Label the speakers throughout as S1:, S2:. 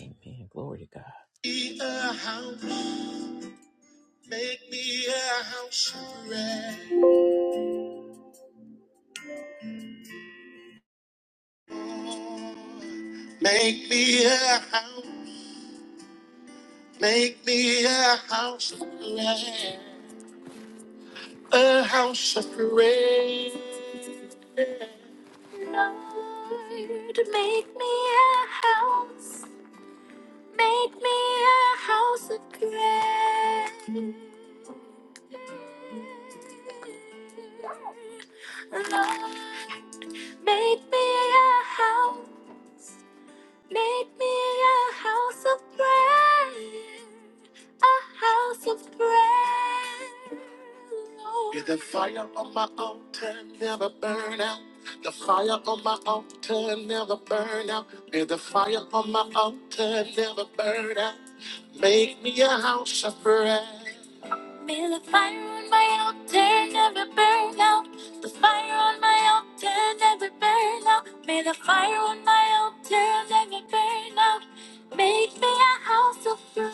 S1: Amen. Glory to God. Be a house, make me a house of prayer. Make me a house, make me a house of prayer. A house of prayer. Lord, make me a house. Make me a house of prayer. Lord, make me a house. Make me a house of prayer, a house of prayer. Lord. Yeah, the fire on my altar never burn out. The fire on my altar never burn out. May the fire on my altar never burn out. Make me a house of prayer. Be the fire on my altar, never burn out. The fire on my altar, never burn out. May the fire on my altar never burn out. Make me a house of prayer.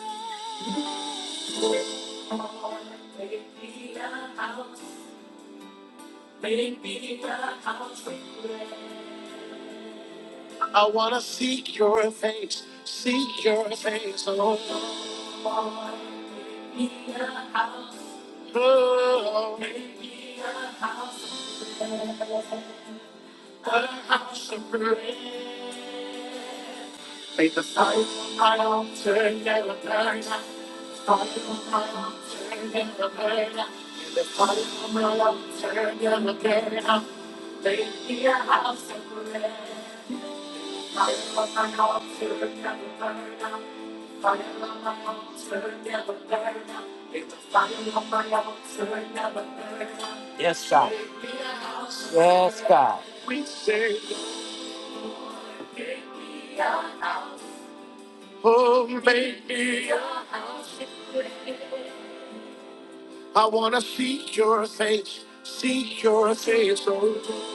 S1: I wanna seek your face, seek your face, oh, oh. Make the house of prayer. Make the fire on my altar, never burn out. The house of prayer. Yes, sir. Yes, God. We say, Oh, maybe I want to seek your face, seek your face, oh,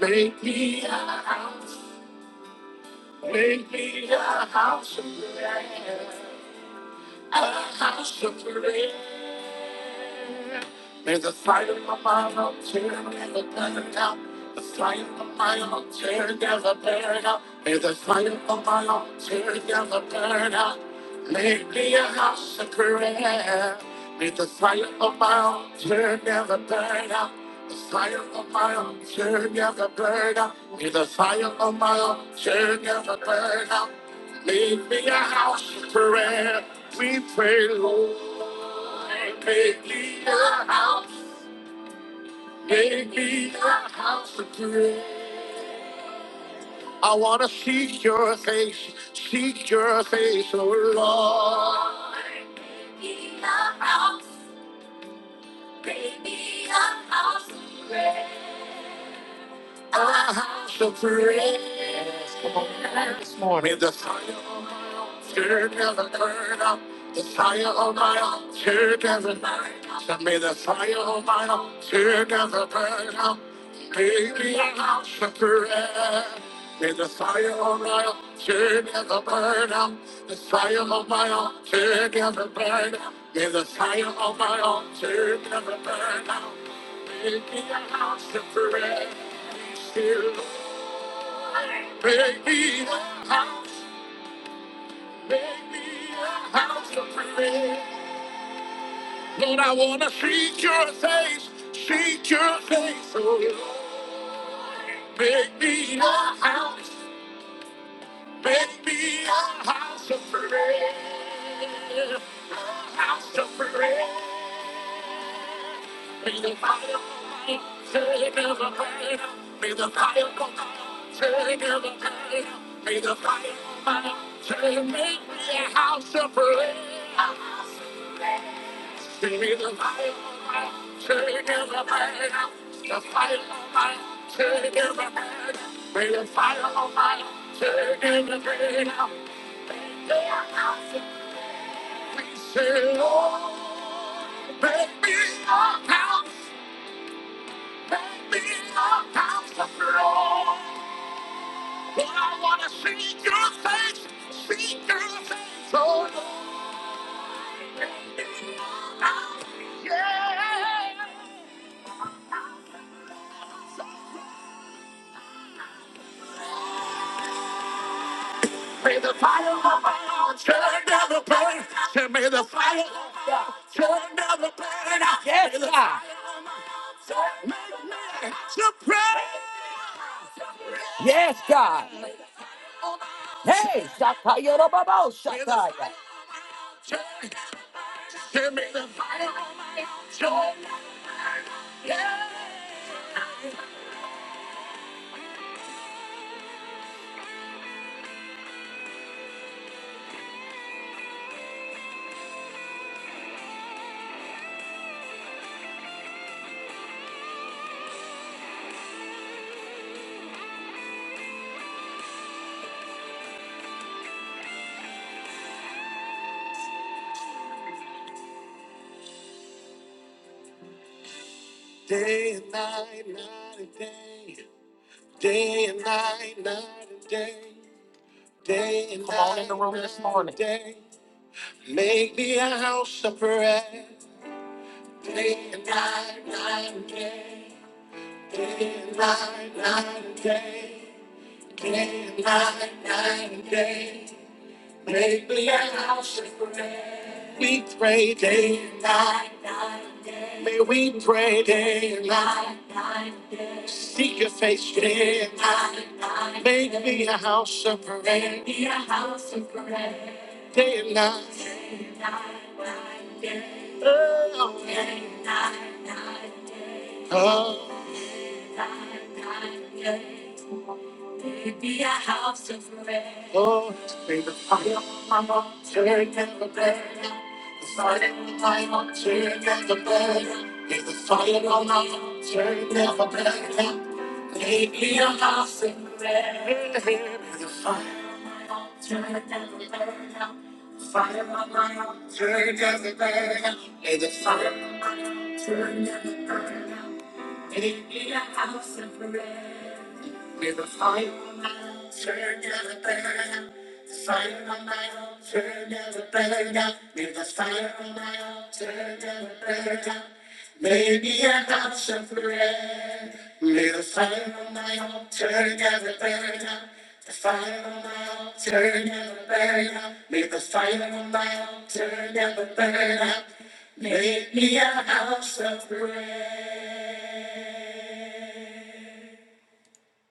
S1: make me a house, make me a house of prayer, a house of prayer. There's a fire of my mind, I'm tearing, never burning out. The fire of my mind, I'm tearing, never burning out. There's a fire of my mind, I'm tearing, never burning out. Make me a house of prayer. Make the fire of my mind, I'm tearing, never burning out. The fire of my mind, I'm tearing, never burning out. May the fire of my mind, I'm tearing, never burning out. Make me a house of prayer. We pray, Lord. Make me a house. Make me a house of prayer. I wanna seek your face, seek your face, oh Lord. Make me a house, make me a house of prayer. A house of prayer. This morning, the fire on my altar never burn up. The fire on my altar never burn up. May the fire on my altar never burn up. Make me a house of prayer. May the fire on my altar never burn up. The fire on my altar never burn up. May the fire on my altar never burn up. Make me a house of prayer. Still. Make me a house, make me a house of prayer. Lord, I want to seek your face, seek your face, oh Lord. Make me a house, make me a house of prayer. A house of prayer. May the fire of God take every pain. May the fire of God take every pain. May the fire of God take me a house of prayer. A May the fire of God take every pain. The fire of God take every pain. May the fire of God take every pain. May the fire of God we say, Lord, make me a house, make me a house of Lord. Lord, I want to see your face, see your face, oh Lord. Make me a house, yes. May the fire of our altar never burn. Say, May the fire of our altar never burn. Yes, May the God. fire of our altar Make me a house Yes, God. Hey, Shakaya Baba Shakaya. Give me the fire of joy. Yeah. Day and night, night and day. Day and night, night and day. Day and Come on in the night, room this night and morning. Day. Make me a house of prayer. Day and night, night and day. Day and night, night and day. Day and night, night and day. Make me a house of prayer. Pray day and night. May we pray day and night. Seek your face day and night. Make me a house of prayer. Be a house of prayer. Day and night. Oh. Day and night. Oh. it be a house of prayer. Lord, may the fire of my altar never burn. The fire on my altar never burn. May the fire of my altar never burn. May it be a house of with a fire on my own, turn never burn out. With a fire on my own, turn never burn out. With a fire on my own, turn never burn out. In a house of red, with a fire on my own, turn never burn out. With a fire on my own, turn never burn out. With a fire on my own, turn never burn out. May be a house of bread. May the fire on my altar never burn out. The fire on my altar never burn out. May the fire on my altar never burn out. Make me a house of bread.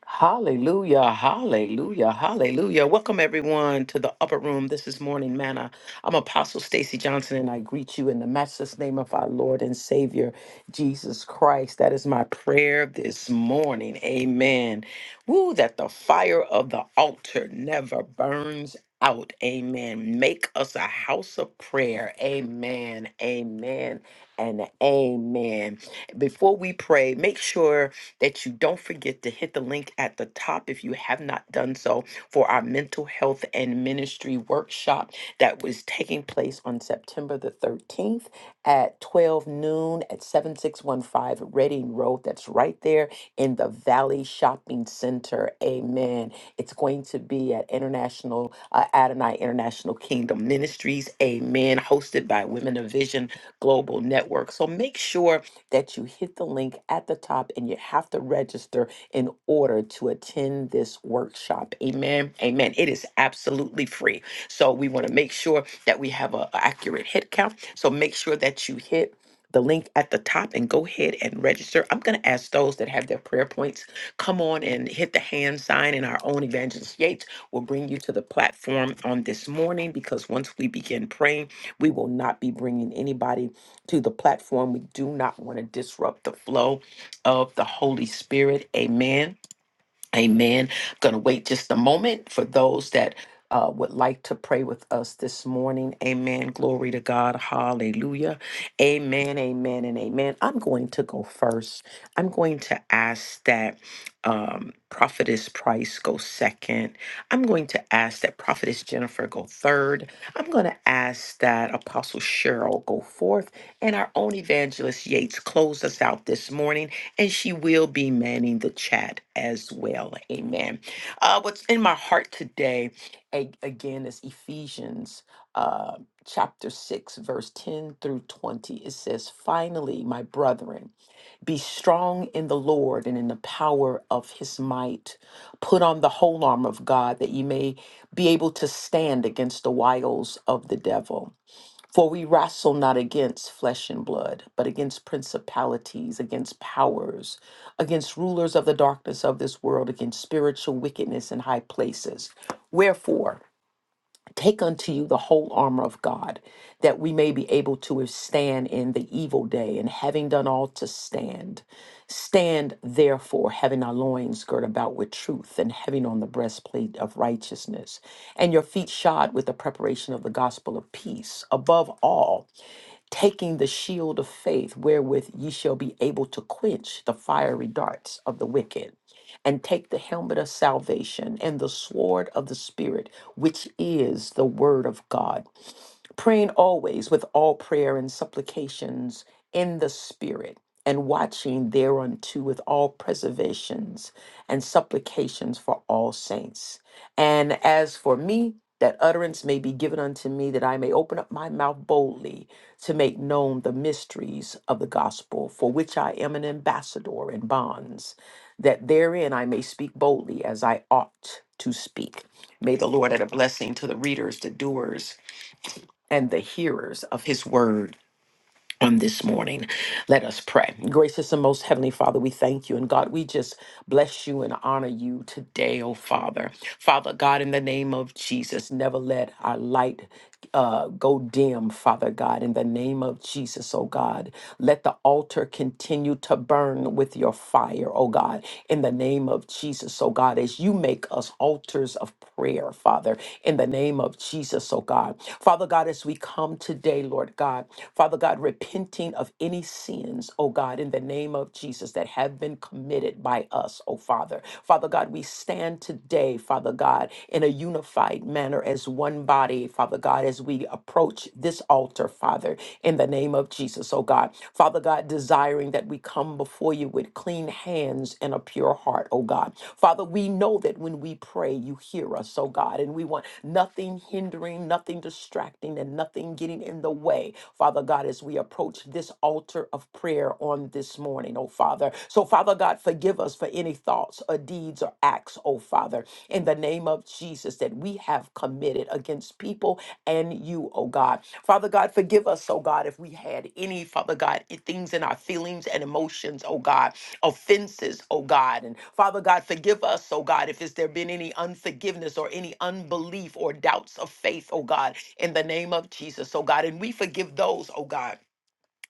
S1: Hallelujah, hallelujah, hallelujah. Welcome everyone to the upper room. This is Morning Manna. I'm Apostle Stacy Johnson and I greet you in the matchless name of our Lord and Savior Jesus Christ. That is my prayer this morning. Amen. Woo, that the fire of the altar never burns out. Amen. Make us a house of prayer. Amen. Amen. And amen. Before we pray, make sure that you don't forget to hit the link at the top if you have not done so for our mental health and ministry workshop that was taking place on September the 13th at 12 noon at 7615 Reading Road. That's right there in the Valley Shopping Center. Amen. It's going to be at International uh, Adonai International Kingdom Ministries. Amen. Hosted by Women of Vision Global Network. So make sure that you hit the link at the top and you have to register in order to attend this workshop. Amen. Amen. It is absolutely free. So we want to make sure that we have an accurate head count. So make sure that you hit the link at the top and go ahead and register. I'm going to ask those that have their prayer points, come on and hit the hand sign, and our own Evangelist Yates will bring you to the platform on this morning because once we begin praying, we will not be bringing anybody to the platform. We do not want to disrupt the flow of the Holy Spirit. Amen. Amen. I'm going to wait just a moment for those that uh, would like to pray with us this morning. Amen. Glory to God. Hallelujah. Amen. Amen. And amen. I'm going to go first. I'm going to ask that um, Prophetess Price go second. I'm going to ask that Prophetess Jennifer go third. I'm going to ask that Apostle Cheryl go fourth. And our own evangelist Yates close us out this morning and she will be manning the chat as well. Amen. Uh, what's in my heart today, a- again, is Ephesians uh, chapter 6, verse 10 through 20. It says, Finally, my brethren, be strong in the Lord and in the power of his might. Put on the whole armor of God that you may be able to stand against the wiles of the devil. For we wrestle not against flesh and blood, but against principalities, against powers, against rulers of the darkness of this world, against spiritual wickedness in high places. Wherefore, Take unto you the whole armor of God, that we may be able to withstand in the evil day, and having done all to stand. Stand therefore, having our loins girt about with truth, and having on the breastplate of righteousness, and your feet shod with the preparation of the gospel of peace. Above all, taking the shield of faith wherewith ye shall be able to quench the fiery darts of the wicked, and take the helmet of salvation and the sword of the Spirit, which is the word of God praying always with all prayer and supplications in the Spirit, and watching thereunto with all preservations and supplications for all saints. And as for me, that utterance may be given unto me, that I may open up my mouth boldly to make known the mysteries of the gospel, for which I am an ambassador in bonds, that therein I may speak boldly as I ought to speak. May the Lord add a blessing to the readers, the doers, and the hearers of his word on this morning. Let us pray. Gracious and most heavenly Father, we thank you. And God, we just bless you and honor you today, oh Father. Father God, in the name of Jesus, never let our light. Uh, go dim, Father God, in the name of Jesus, oh God. Let the altar continue to burn with your fire, oh God, in the name of Jesus, oh God, as you make us altars of prayer, Father, in the name of Jesus, oh God. Father God, as we come today, Lord God, Father God, repenting of any sins, oh God, in the name of Jesus that have been committed by us, oh Father. Father God, we stand today, Father God, in a unified manner as one body, Father God, as we approach this altar, Father, in the name of Jesus, oh God. Father God, desiring that we come before you with clean hands and a pure heart, oh God. Father, we know that when we pray, you hear us, oh God, and we want nothing hindering, nothing distracting, and nothing getting in the way, Father God, as we approach we approach this altar of prayer on this morning, oh Father. So, Father God, forgive us for any thoughts or deeds or acts, oh Father, in the name of Jesus that we have committed against people and you, oh God. Father God, forgive us, oh God, if we had any, Father God, i- things in our feelings and emotions, oh God, offenses, oh God. And Father God, forgive us, oh God, if it's there been any unforgiveness or any unbelief or doubts of faith, oh God, in the name of Jesus, oh God. And we forgive those, oh God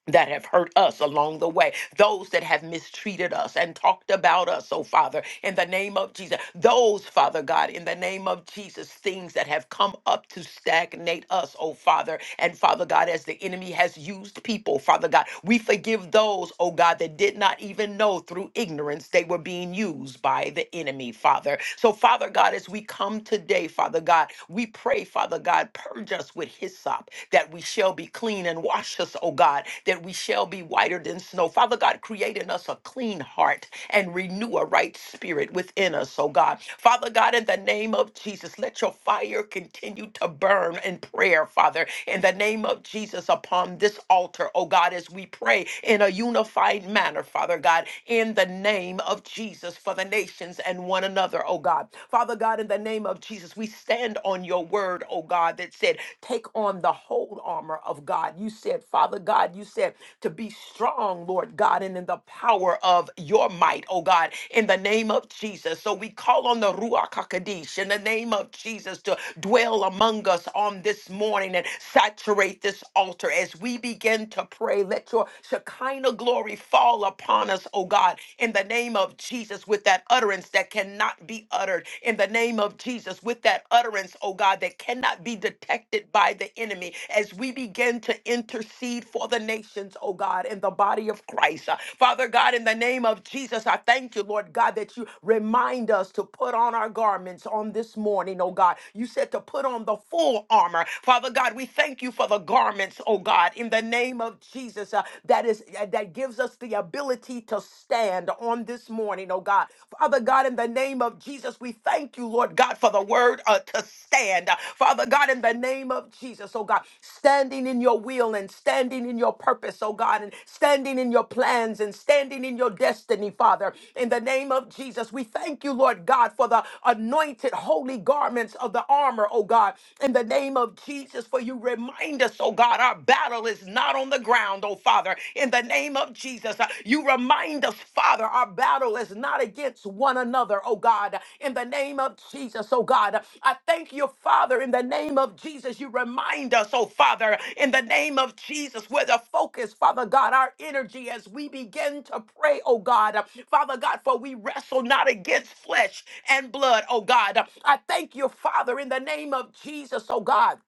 S1: that have hurt us along the way, those that have mistreated us and talked about us, oh Father, in the name of Jesus, those, Father God, in the name of Jesus, things that have come up to stagnate us, oh Father, and Father God, as the enemy has used people, Father God, we forgive those, oh God, that did not even know through ignorance they were being used by the enemy, Father. So, Father God, as we come today, Father God, we pray, Father God, purge us with His hyssop, that we shall be clean and wash us, O God, that we shall be whiter than snow. Father God, create in us a clean heart and renew a right spirit within us, O God. Father God, in the name of Jesus, let your fire continue to burn in prayer, Father, in the name of Jesus upon this altar, O God, as we pray in a unified manner, Father God, in the name of Jesus for the nations and one another, O God. Father God, in the name of Jesus, Jesus, we stand on your word, oh God, that said, take on the whole armor of God. You said, Father God, you said to be strong, Lord God, and in the power of your might, oh God, in the name of Jesus. So we call on the Ruach HaKodesh in the name of Jesus to dwell among us on this morning and saturate this altar as we begin to pray. Let your Shekinah glory fall upon us, oh God, in the name of Jesus with that utterance utterance that cannot be uttered in the name of Jesus, with that utterance, oh God, that cannot be detected by the enemy as we begin to intercede for the nations, oh God, in the body of Christ. Uh, Father God, in the name of Jesus, I thank you, Lord God, that you remind us to put on our garments on this morning, oh God. You said to put on the full armor. Father God, we thank you for the garments, oh God, in the name of Jesus, uh, that is uh, that gives us the ability ability to stand on this morning, oh God. Father God, in the name of Jesus, we thank you, Lord God, for the word uh, to stand. Father God, in the name of Jesus, oh God, standing in your will and standing in your purpose, oh God, and standing in your plans and standing in your destiny, Father. In the name of Jesus, we thank you, Lord God, for the anointed holy garments of the armor, oh God. In the name of Jesus, for you remind us, oh God, our battle is not not on the ground, oh Father. In the name of Jesus, uh, you remind us, Father, our battle is not against one another, oh God. In the name of Jesus, oh God, I thank you, Father, in the name of Jesus, you remind us, oh Father, in the name of Jesus, where the focus, Father God, our energy as we begin to pray, oh God. Father God, for we wrestle not against flesh and blood, oh God. I thank you, Father, in the name of Jesus, oh God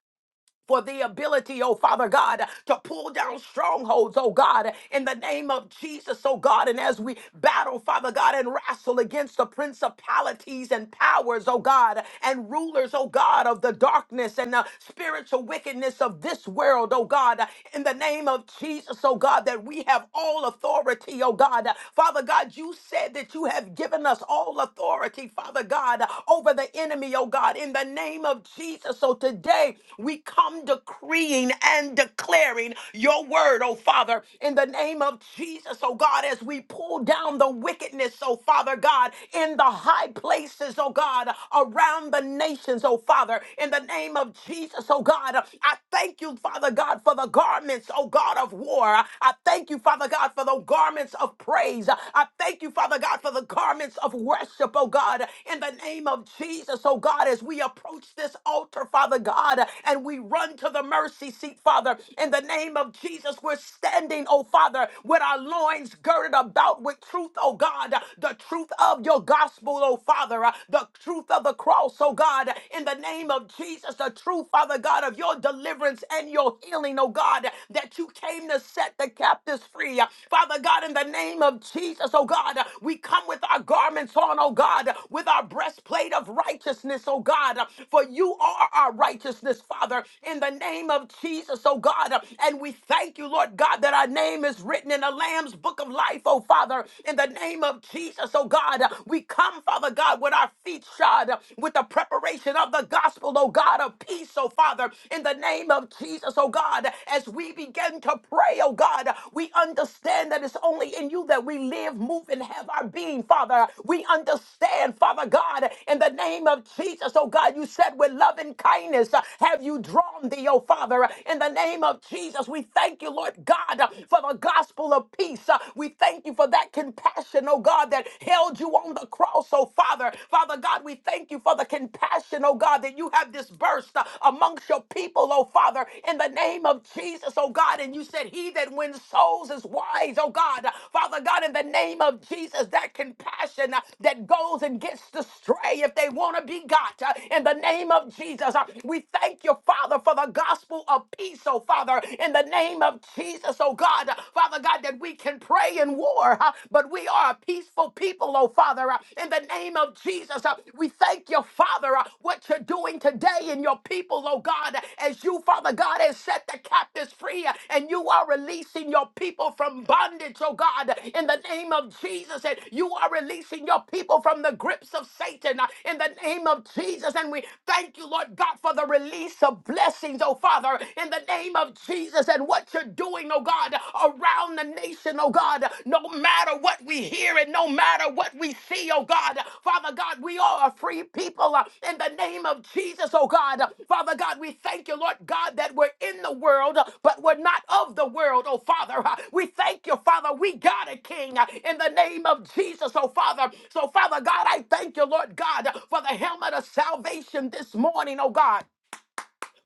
S1: for the ability, oh Father God, to pull down strongholds, oh God, in the name of Jesus, oh God. And as we battle, Father God, and wrestle against the principalities and powers, oh God, and rulers, oh God, of the darkness and the spiritual wickedness of this world, oh God, in the name of Jesus, oh God, that we have all authority, oh God. Father God, you said that you have given us all authority, Father God, over the enemy, oh God, in the name of Jesus. So today we come come decreeing and declaring your word, oh Father, in the name of Jesus, oh God, as we pull down the wickedness, oh Father God, in the high places, oh God, around the nations, oh Father, in the name of Jesus, oh God. I thank you, Father God, for the garments, oh God, of war. I thank you, Father God, for the garments of praise. I thank you, Father God, for the garments of worship, oh God, in the name of Jesus, oh God, as we approach this altar, Father God, and we we run to the mercy seat, Father. In the name of Jesus, we're standing, oh Father, with our loins girded about with truth, oh God, the truth of your gospel, oh Father, uh, the truth of the cross, oh God, in the name of Jesus, the true Father God of your deliverance and your healing, oh God, that you came to set the captives free. Uh, Father God, in the name of Jesus, oh God, uh, we come with our garments on, oh God, uh, with our breastplate of righteousness, oh God, uh, for you are our righteousness, Father. Father, in the name of Jesus, oh God. And we thank you, Lord God, that our name is written in the Lamb's book of life, oh Father, in the name of Jesus, oh God. We come, Father God, with our feet shod, with the preparation of the gospel, oh God, of peace, oh Father, in the name of Jesus, oh God. As we begin to pray, oh God, we understand that it's only in you that we live, move, and have our being, Father. We understand, Father God, in the name of Jesus, oh God, you said with love and kindness, have you drawn thee, oh Father? In the name of Jesus, we thank you, Lord God, for the gospel of peace. We thank you for that compassion, oh God, that held you on the cross, oh Father. Father God, we thank you for the compassion, oh God, that you have dispersed amongst your people, oh Father, in the name of Jesus, oh God. And you said, He that wins souls is wise, oh God. Father God, in the name of Jesus, that compassion uh, that goes and gets the stray if they want to be got. uh, In the name of Jesus, uh, we thank thank you, Father, for the gospel of peace, oh Father, in the name of Jesus, oh God. Father God, that we can pray in war, huh, but we are a peaceful people, oh Father, uh, in the name of Jesus. uh, We thank you, Father, uh, what you're doing today in your people, oh God, as you, Father God, has set the captives free uh, and you are releasing your people from bondage, oh God, in the name of Jesus. And you are releasing your people from the grips of Satan uh, in the name of Jesus. And we thank you, Lord God, for the release of blessings, oh Father, in the name of Jesus and what you're doing, oh God, around the nation, oh God, no matter what we hear and no matter what we see, oh God, Father God, we are a free people uh, in the name of Jesus, oh God. Father God, we thank you, Lord God, that we're in the world, uh, but we're not of the world, oh Father. Uh, We thank you, Father, we got a King uh, in the name of Jesus, oh Father. So, Father God, I thank you, Lord God, for the helmet of salvation this morning, oh God.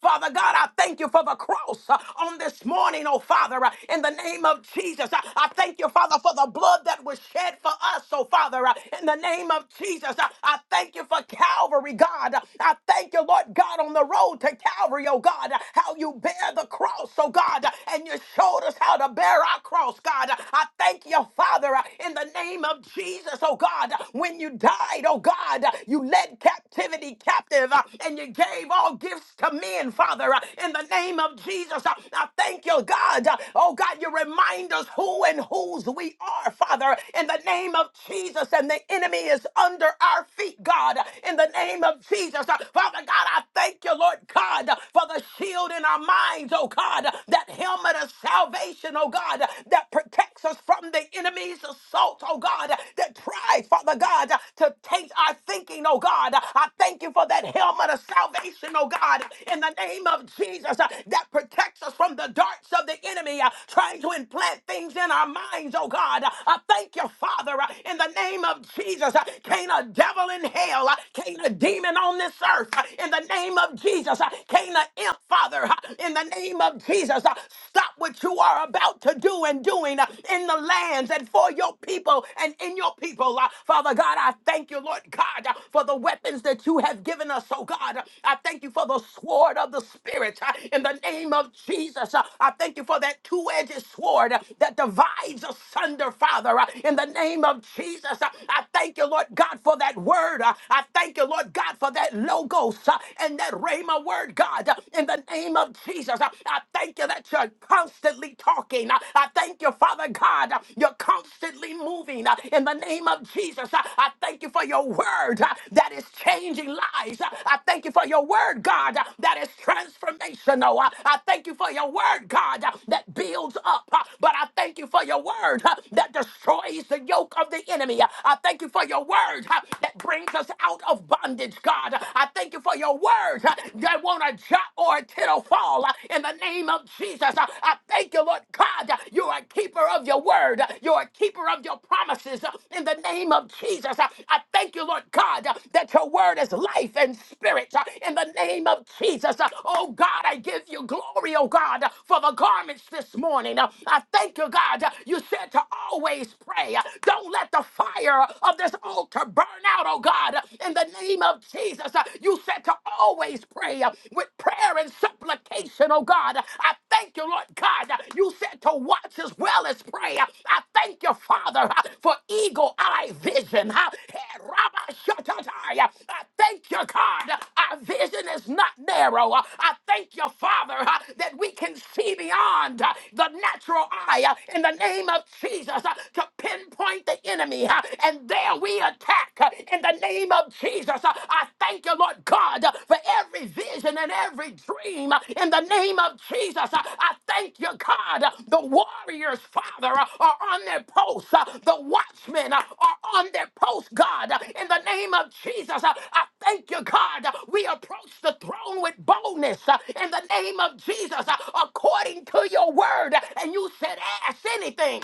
S1: Father God, I thank you for the cross uh, on this morning, oh Father, uh, in the name of Jesus. Uh, I thank you, Father, for the blood that was shed for us, oh Father, uh, in the name of Jesus. Uh, I thank you for Calvary, God. Uh, I thank you, Lord God, on the road to Calvary, oh God, uh, how you bear the cross, oh God, uh, and you showed us how to bear our cross, God. Uh, I thank you, Father, uh, in the name of Jesus, oh God, uh, when you died, oh God, uh, you led captivity captivity captive, uh, and you gave all gifts to men, Father, uh, in the name of Jesus. uh, I thank you, God. Uh, Oh, God, you remind us who and whose we are, Father, in the name of Jesus, and the enemy is under our feet, God, in the name of Jesus. Uh, Father God, I thank you, Lord God, uh, for the shield in our minds, oh God, uh, that helmet of salvation, oh God, uh, that protects us from the enemy's assault, oh God, uh, that tries, Father God, uh, to change our thinking, oh God. Uh, I thank you for that helmet of salvation, oh God, in the name of Jesus uh, that protects us from the darts of the enemy uh, trying to implant things in our minds, oh God. Uh, I thank you, Father, uh, in the name of Jesus. Uh, Can't a devil in hell, uh, can't a demon on this earth, uh, in the name of Jesus, uh, can't a imp, Father, uh, in the name of Jesus, uh, stop what you are about to do and doing uh, in the your lands and for your people and in your people. Uh, Father God, I thank you, Lord God, uh, for the weapons that you have given us, oh God. Uh, I thank you for the sword of the Spirit uh, in the name of Jesus. Uh, I thank you for that two edged sword uh, that divides asunder, Father, uh, in the name of Jesus. Uh, I thank you, Lord God, for that word. Uh, I thank you, Lord God, for that logos uh, and that rhema word, God, uh, in the name of Jesus. Uh, I thank you that you you're constantly talking. I I thank you, Father God. You're constantly moving. Uh, In the name of Jesus, I I thank you for your word uh, that is changing lives. Uh, I thank you for your word, God, uh, that is transformational. Uh, I thank you for your word, God, uh, that builds up. Uh, But I thank you for your word uh, that destroys the yoke of the enemy. Uh, I thank you for your word uh, that brings us out of bondage, God. Uh, I thank you for your word uh, that won't jot or a tittle fall uh, in the name of Jesus. Uh, I thank you, Lord God. uh, You're a keeper of your word. uh, You're a keeper of your promises uh, in the name of Jesus. Uh, I thank you, Lord God, uh, that your word is life and spirit uh, in the name of Jesus. Uh, Oh God, I give you glory, oh God, uh, for the garments this morning. Uh, I thank you, God. uh, You said to always pray. Uh, Don't let the fire of this altar burn out, oh God, uh, in the name of of Jesus. Uh, You said to always pray uh, with prayer and supplication, oh God. Uh, I thank you, Lord God. Uh, You said to watch as well as pray. Uh, I thank you, Father, uh, for eagle eye vision. Uh, eh, Rabba Shatatai. Uh, I thank you, God. Uh, Our vision is not narrow. Uh, I thank you, Father, uh, that we can see beyond uh, the natural eye uh, in the name of Jesus uh, to pinpoint the enemy. uh, And and there we attack uh, in the name of Jesus. Uh, I thank you, Lord God, uh, for every vision and every dream uh, in the name of Jesus. Uh, I thank you, God. uh, The warriors, Father, uh, are on their posts. Uh, The watchmen uh, are on their posts, God, uh, in the name of Jesus. Uh, I thank you, God. uh, We approach the throne with boldness uh, in the name of Jesus, uh, according to your word. And you said, ask anything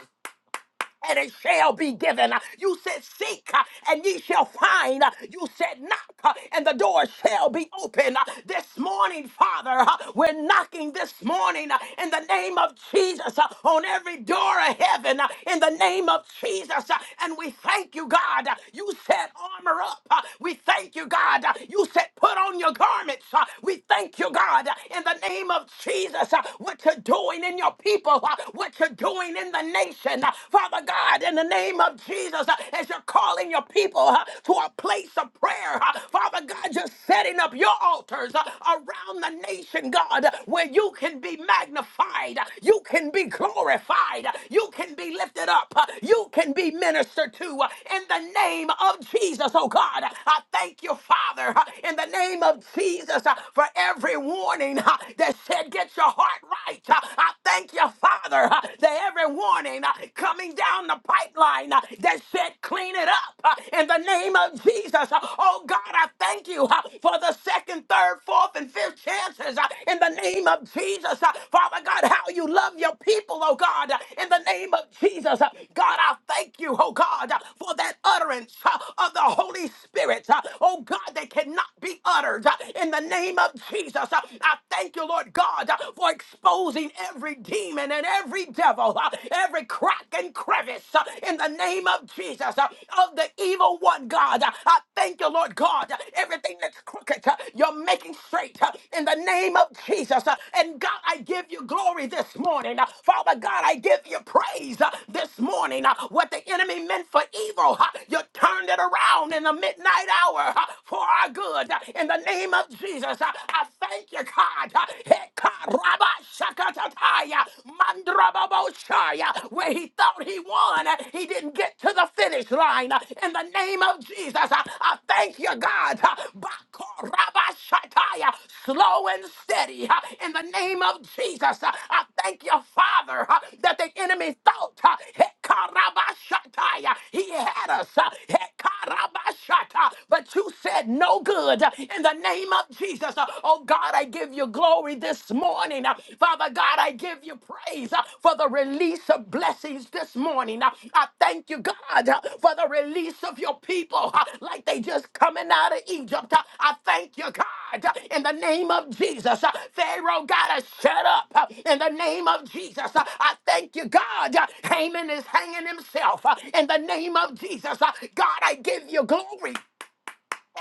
S1: and it shall be given. You said, Seek uh, and ye shall find. Uh, You said, Knock uh, and the door shall be open. Uh, This morning, Father, uh, we're knocking this morning uh, in the name of Jesus uh, on every door of heaven uh, in the name of Jesus. uh, And we thank you, God. Uh, You said, Armor up. Uh, We thank you, God. Uh, You said, Put on your garments. Uh, We thank you, God, uh, in the name of Jesus, uh, what you're doing in your people, uh, what you're doing doing in the nation, uh, Father God, in the name of Jesus, uh, as you're calling your people uh, to a place of prayer, uh, Father God, you're setting up your altars uh, around the nation, God, uh, where you can be magnified, uh, you can be glorified, uh, you can be lifted up, uh, you can be ministered to uh, in the name of Jesus, oh God. I thank you, Father, uh, in the name of Jesus, uh, for every warning uh, that said, Get your heart right. Uh, I thank you, Father, uh, that every warning uh, coming down the pipeline uh, that said clean it up uh, in the name of Jesus. Uh, Oh God, I thank you uh, for the second, third, fourth, and fifth chances uh, in the name of Jesus. Uh, Father God, how you love your people, oh God, uh, in the name of Jesus. Uh, God, I thank you, oh God, uh, for that utterance uh, of the Holy Spirit, uh, oh God, that cannot be uttered uh, in the name of Jesus. Uh, I thank you, Lord. Lord God, uh, for exposing every demon and every devil, uh, every crack and crevice uh, in the name of Jesus, uh, of the evil one, God. Uh, I thank you, Lord God. Uh, Everything that's crooked, uh, you're making straight uh, in the name of Jesus. Uh, And God, I give you glory this morning. Uh, Father God, I give you praise uh, this morning. Uh, What the enemy meant for evil, uh, you turned it around in the midnight hour uh, for our good. Uh, In the name of Jesus, uh, I thank you, God. Hekaraba shakatataya, mandrababoshaya. Where he thought he won, he didn't get to the finish line. In the name of Jesus, I I thank you, God. Bakoraba shataya, Slow and steady. In the name of Jesus, I thank you, Father, that the enemy thought Hekaraba shataya, he had us. Hekaraba shata, But you said no good good uh, in the name of Jesus. Uh, Oh God, I give you glory this morning. Uh, Father God, I give you praise uh, for the release of blessings this morning. Uh, I thank you, God, uh, for the release of your people uh, like they just coming out of Egypt. Uh, I thank you, God, uh, in the name of Jesus. Uh, Pharaoh, got to shut up uh, in the name of Jesus. Uh, I thank you, God. Uh, Haman is hanging himself uh, in the name of Jesus. Uh, God, I give you glory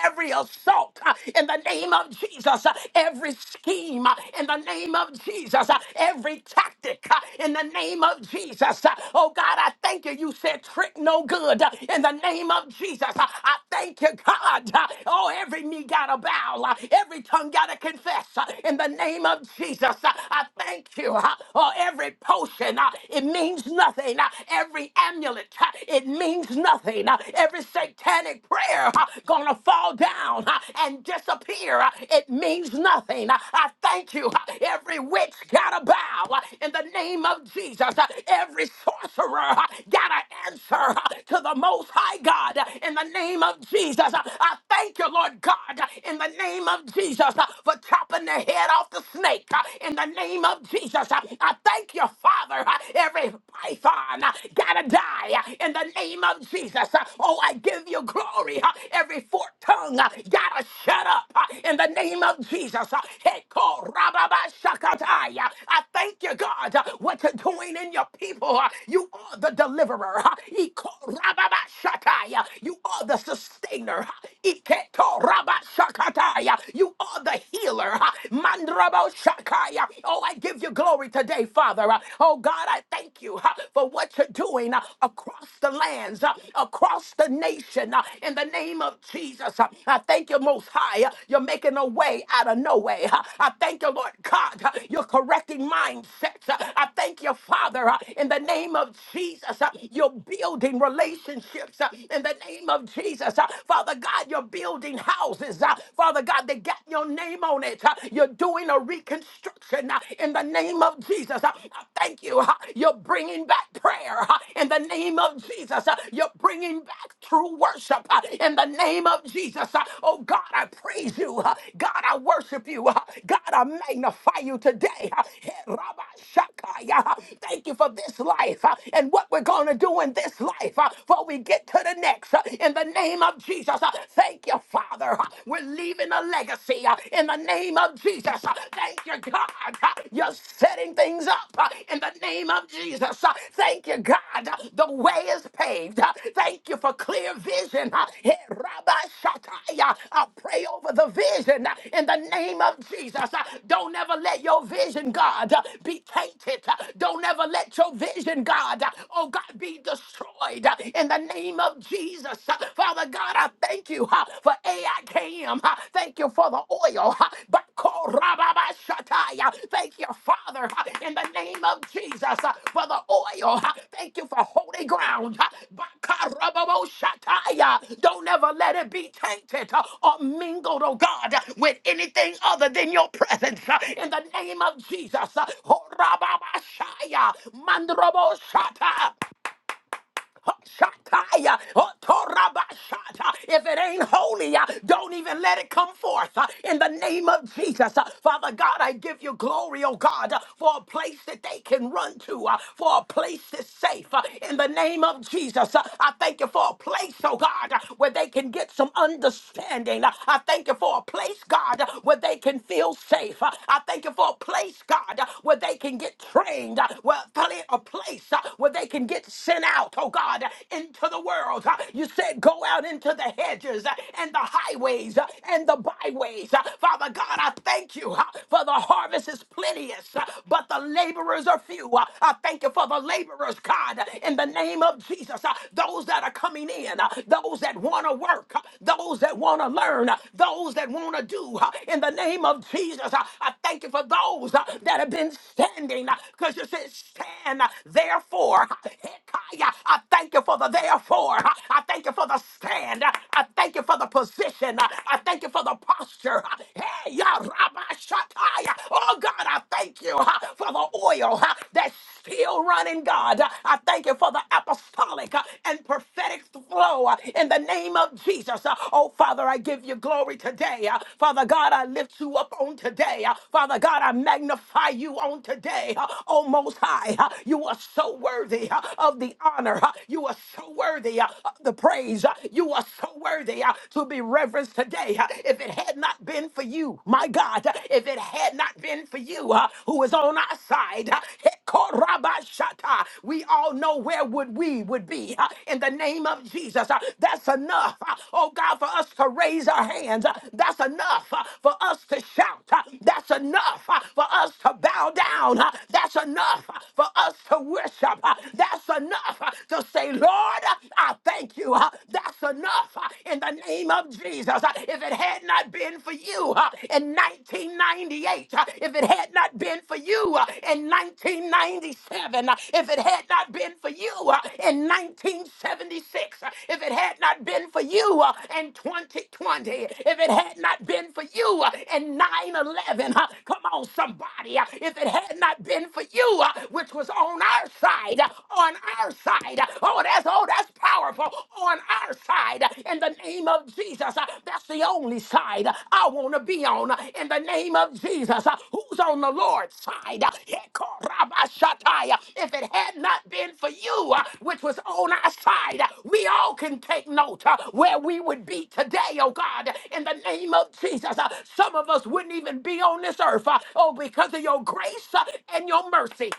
S1: every assault uh, in the name of Jesus, uh, every scheme uh, in the name of Jesus, uh, every tactic uh, in the name of Jesus. uh, Oh God, I thank you. You said trick no good uh, in the name of Jesus. uh, I thank you, God. uh, Oh, every knee got to bow, uh, every tongue got to confess uh, in the name of Jesus. uh, I thank you. uh, Oh, every potion, uh, it means nothing. uh, Every amulet, uh, it means nothing pain, uh, every satanic prayer uh, gonna fall down uh, and disappear. Uh, It means nothing. Uh, I thank you. uh, Every witch gotta bow uh, in the name of Jesus. Uh, Every sorcerer uh, gotta answer uh, to the Most High God uh, in the name of Jesus. Uh, I thank you, Lord God, uh, in the name of Jesus uh, for chopping the head off the snake uh, in the name of Jesus. Uh, I thank you, Father. uh, Every python on, uh, gotta die uh, in the name of Jesus. Uh, Oh, I give you glory. Uh, Every forked tongue uh, gotta shut up uh, in the name of Jesus. Uh, Heko rababashakatai. Uh, I thank you, God, uh, what you're doing in your people. Uh, You are the deliverer. Uh, Iko rababashakai. Uh, You are the sustainer. Uh, Iketo rabashakatai. Uh, You are the healer. Uh, Mandrabo shakaya. Oh, I give you glory glory today, Father. Uh, Oh God, I thank you uh, for what you're doing uh, across the lands, uh, across the nation, uh, in the name of Jesus. Uh, I thank you, Most High. Uh, You're making a way out of no way. Uh, I thank you, Lord God. Uh, You're correcting mindsets. Uh, I thank you, Father, uh, in the name of Jesus. Uh, You're building relationships uh, in the name of Jesus. Uh, Father God, you're building houses. uh, Father God, they got your name on it. Uh, you're doing a reconstruction uh, in the name of Jesus. Uh, I Thank you. uh, You're bringing back prayer uh, in the name of Jesus. Uh, You're bringing back true worship uh, in the name of Jesus. Uh, Oh God, I praise you. uh, God, I worship you. uh, God, I magnify you today. Uh, Thank you for this life uh, and what we're going to do in this life uh, before we get to the next. uh, In the name of Jesus, uh, thank you, Father. uh, We're leaving a legacy uh, in the name of Jesus. uh, Thank you, God. uh, You're setting things up uh, in the name of Jesus. uh, Thank you, God. uh, The way is paved. uh, Thank you for clear the vision. uh, eh, Rabbi Shataya. I pray over the vision uh, in the name of Jesus. Uh, Don't ever let your vision, God, uh, be tainted. Uh, Don't ever let your vision, God, uh, oh God, be destroyed uh, in the name of Jesus. Uh, Father God, I thank you uh, for AIKM. uh, Thank you for the oil. uh, But Rababashataya. Thank you, Father, in the name of Jesus, for the oil. Thank you for holy ground. Bakarababoshataya. Don't ever let it be tainted or mingled, oh God, with anything other than your presence. In the name of Jesus. Horababashaya. Mandroboshataya. Shataya, Otorabashata. If it ain't holy, uh, don't even let it come forth. uh, In the name of Jesus, Uh, Father God, I give you glory, oh God, uh, for a place that they can run to, uh, for a place that's safe. uh, In the name of Jesus, Uh, I thank you for a place, oh God, uh, where they can get some understanding. Uh, I thank you for a place, God, uh, where they can feel safe. Uh, I thank you for a place, God, uh, where they can get trained. Uh, Well, a place uh, where they can get sent out out, oh God, into the world. You said, go out into the hedges and the highways and the byways. Father God, I thank you huh, for the harvest is plenteous, huh, but the laborers are few. I thank you for the laborers, God, in the name of Jesus. huh, Those that are coming in, huh, those that want to work, huh, those that want to learn, huh, those that want to do, huh, in the name of Jesus. huh. I thank you for those huh, that have been standing, because you said, stand huh, therefore. huh, I thank you for the therefore. I thank you for the stand. I thank you for the position. I thank you for the posture. Hey, ya rabba shataya. Oh God, I thank you uh, for the oil uh, that's still running, God. I thank you for the apostolic uh, and prophetic flow uh, in the name of Jesus. Uh, Oh Father, I give you glory today. Uh, Father God, I lift you up on today. Uh, Father God, I magnify you on today. Uh, Oh Most High, uh, you are so worthy worthy uh, of the honor. uh, You are so worthy uh, of the praise. uh, You are so worthy uh, to be reverenced today. uh, If it had not been for you, my God, uh, if it had not been for you uh, who is on our side, uh, Hekorabashata, we all know where would we would be uh, in the name of Jesus. uh, That's enough, uh, oh God, for us to raise our hands. uh, That's enough uh, for us to shout. uh, That's enough uh, for us to bow down. uh, That's enough uh, for us to worship worship. uh, uh, That's enough uh, to say, Lord, uh, I thank you. uh, That's enough uh, in the name of Jesus. Uh, If it had not been for you uh, in 1998, uh, if it had not been for you uh, in 1997, uh, if it had not been for you uh, in 1976, uh, if it had not been for you uh, in 2020, if it had not been for you uh, in 9 11, uh, come on, somebody, uh, if it had not been for you, uh, which was was on our side, on our side. Oh, that's oh, that's powerful. On our side, in the name of Jesus, that's the only side I want to be on. In the name of Jesus, who's on the Lord's side? Hekorabashataya. If it had not been for you, which was on our side, we all can take note uh, where we would be today, oh God. In the name of Jesus, Uh, some of us wouldn't even be on this earth, uh, oh, because of your grace uh, and your mercy.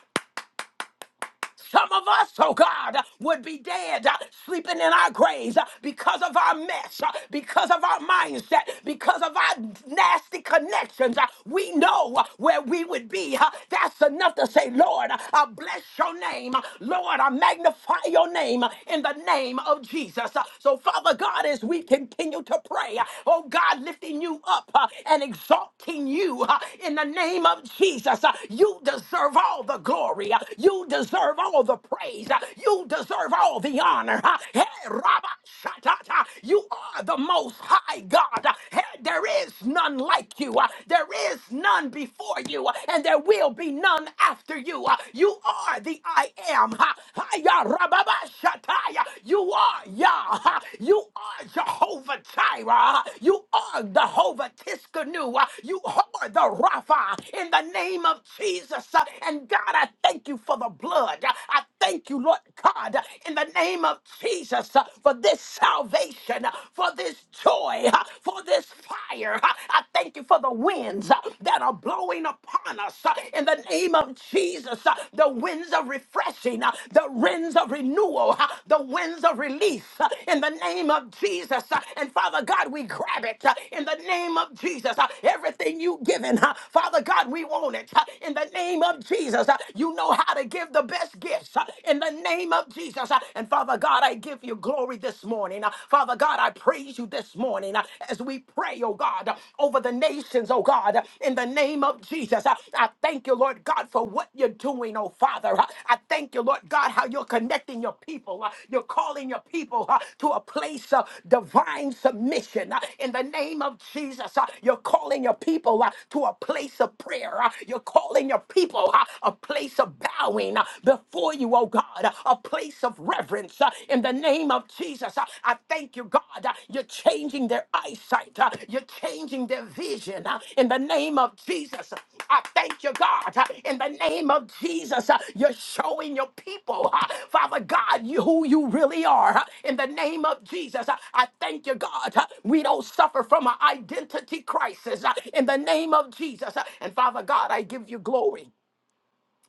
S1: Some of us, oh God, would be dead, uh, sleeping in our graves uh, because of our mess, uh, because of our mindset, because of our nasty connections. Uh, We know uh, where we would be. Uh, That's enough to say, Lord, uh, I bless your name. Uh, Lord, I magnify your name uh, in the name of Jesus. Uh, So, Father God, as we continue to pray, uh, oh God, lifting you up uh, and exalting you uh, in the name of Jesus, uh, you deserve all the glory. Uh, You deserve all the praise. Uh, You deserve all the honor. Uh, Hey, Rabba Shatata, you are the most high God. Uh, Hey, there is none like you. Uh, There is none before you, Uh, and there will be none after you. Uh, You are the I am. Uh, Hiya, Rabba Shataya. You are Yah. Uh, You are Jehovah Jireh. Uh, You are Jehovah Tiskanu. Uh, You are the Rapha in the name of Jesus. Uh, And God, I thank you you for the blood. I thank you, Lord God, in the name of Jesus, uh, for this salvation, uh, for this joy, uh, for this fire. Uh, I thank you for the winds uh, that are blowing upon us uh, in the name of Jesus. Uh, The winds of refreshing, uh, the winds of renewal, uh, the winds of release uh, in the name of Jesus. Uh, And Father God, we grab it uh, in the name of Jesus. Uh, Everything you've given, uh, Father God, we want it uh, in the name of Jesus. Uh, you know how to give the best gifts uh, in the name of Jesus. Uh, And Father God, I give you glory this morning. Uh, Father God, I praise you this morning uh, as we pray, oh God, uh, over the nations, oh God, uh, in the name of Jesus. Uh, I thank you, Lord God, for what you're doing, oh Father. Uh, I thank you, Lord God, how you're connecting your people. Uh, You're calling your people uh, to a place of divine submission uh, in the name of Jesus. Uh, You're calling your people uh, to a place of prayer. Uh, You're calling your people. uh, a place of bowing uh, before you, oh God, uh, a place of reverence uh, in the name of Jesus. Uh, I thank you, God. uh, You're changing their eyesight, uh, you're changing their vision uh, in the name of Jesus. I thank you, God, uh, in the name of Jesus. uh, You're showing your people, uh, Father God, you, who you really are uh, in the name of Jesus. Uh, I thank you, God. uh, We don't suffer from an identity crisis uh, in the name of Jesus. Uh, And Father God, I give you glory.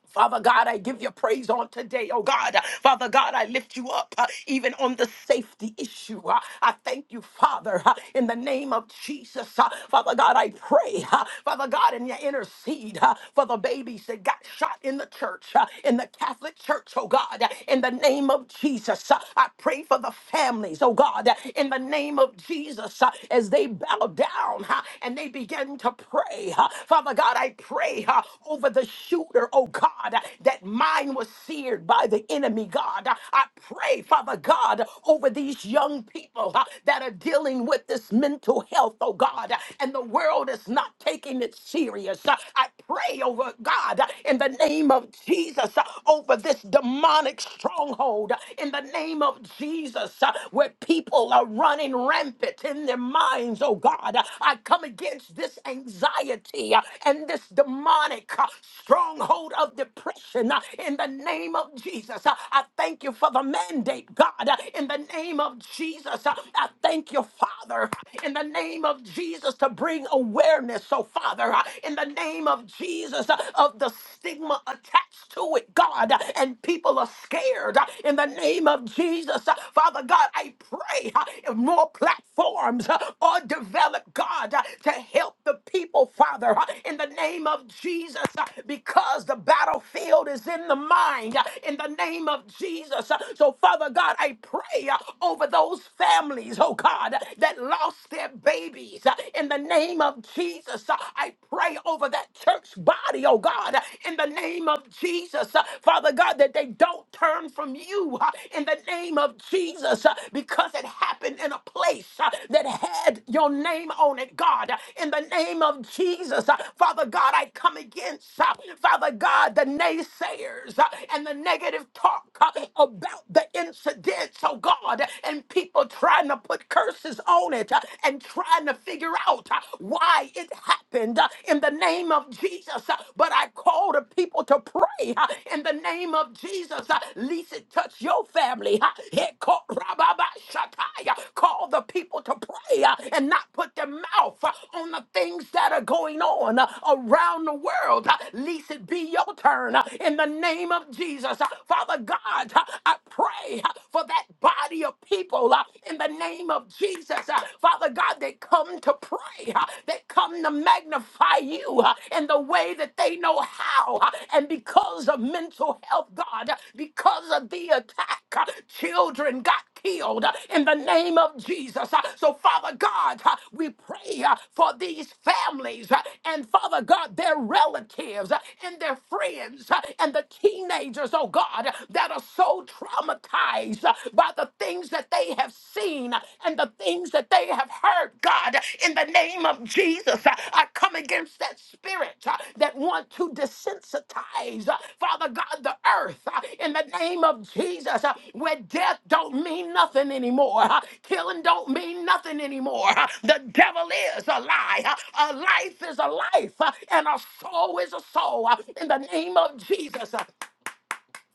S1: Father God, I give you praise on today, oh God. Father God, I lift you up uh, even on the safety issue. Uh, I thank you, Father, uh, in the name of Jesus. Uh, Father God, I pray, uh, Father God, and you intercede uh, for the babies that got shot in the church, uh, in the Catholic Church, oh God, uh, in the name of Jesus. Uh, I pray for the families, oh God, uh, in the name of Jesus, uh, as they bow down uh, and they begin to pray pray, uh, Father God, I pray uh, over the shooter, oh God, uh, that mine was seared by the enemy, God. Uh, I pray, Father God, over these young people uh, that are dealing with this mental health, oh God, uh, and the world is not taking it serious. Uh, I pray over God uh, in the name of Jesus uh, over this demonic stronghold uh, in the name of Jesus uh, where people are running rampant that's in their minds, oh God. I come against this anxiety uh, and this demonic uh, stronghold of depression uh, in the name of Jesus. Uh, I thank you for the mandate, God, uh, in the name of Jesus. Uh, I thank you, Father, in the name of Jesus to bring awareness, oh Father, uh, in the name of Jesus uh, of the stigma attached to it, God, uh, and people are scared uh, in the name of Jesus. Uh, Father God, I pray uh, if more platforms uh, are developed, God, uh, to help the people, Father, uh, in the name of Jesus, uh, because the battlefield is in the mind, uh, in the name of Jesus. Uh, So, Father God, I pray uh, over those families, oh God, uh, that lost their babies, uh, in the name of Jesus. Uh, I pray over that church body, oh God, uh, in the name of Jesus. Jesus, uh, Father God, that they don't turn from you uh, in the name of Jesus uh, because it happened in a place uh, that had your name on it, God. Uh, In the name of Jesus, uh, Father God, I come against, uh, Father God, the naysayers uh, and the negative talk uh, about the incidents, oh God, and people trying to put curses on it uh, and trying to figure out uh, why it happened uh, in the name of Jesus. Uh, But I call the people to pray uh, in the name of Jesus. Uh, Least it touch your family. uh, It caught Rababa Shatai. Uh, Call the people to pray uh, and not put their mouth uh, on the things that are going on uh, around the world. Uh, Least it be your turn uh, in the name of Jesus. Uh, Father God, uh, I pray uh, for that body of people uh, in the name of Jesus. Uh, Father Father God, they come to pray. huh? They come to magnify you huh, in the way that they know how. huh? And because of mental health, God, uh, because of the attack, huh, children got killed uh, in the name of Jesus. Uh, So, Father God, uh, we pray uh, for these families uh, and, Father God, their relatives uh, and their friends uh, and the teenagers, oh God, uh, that are so traumatized. uh, by the things that they have seen and the things that they have heard, God. In the name of Jesus, I I come against that spirit uh, that want to desensitize, uh, Father God, the earth. uh, In the name of Jesus, uh, where death don't mean nothing anymore, uh, killing don't mean nothing anymore. uh, The devil is a lie. uh, A life is a life, uh, and a soul is a soul. uh, In the name of Jesus, uh,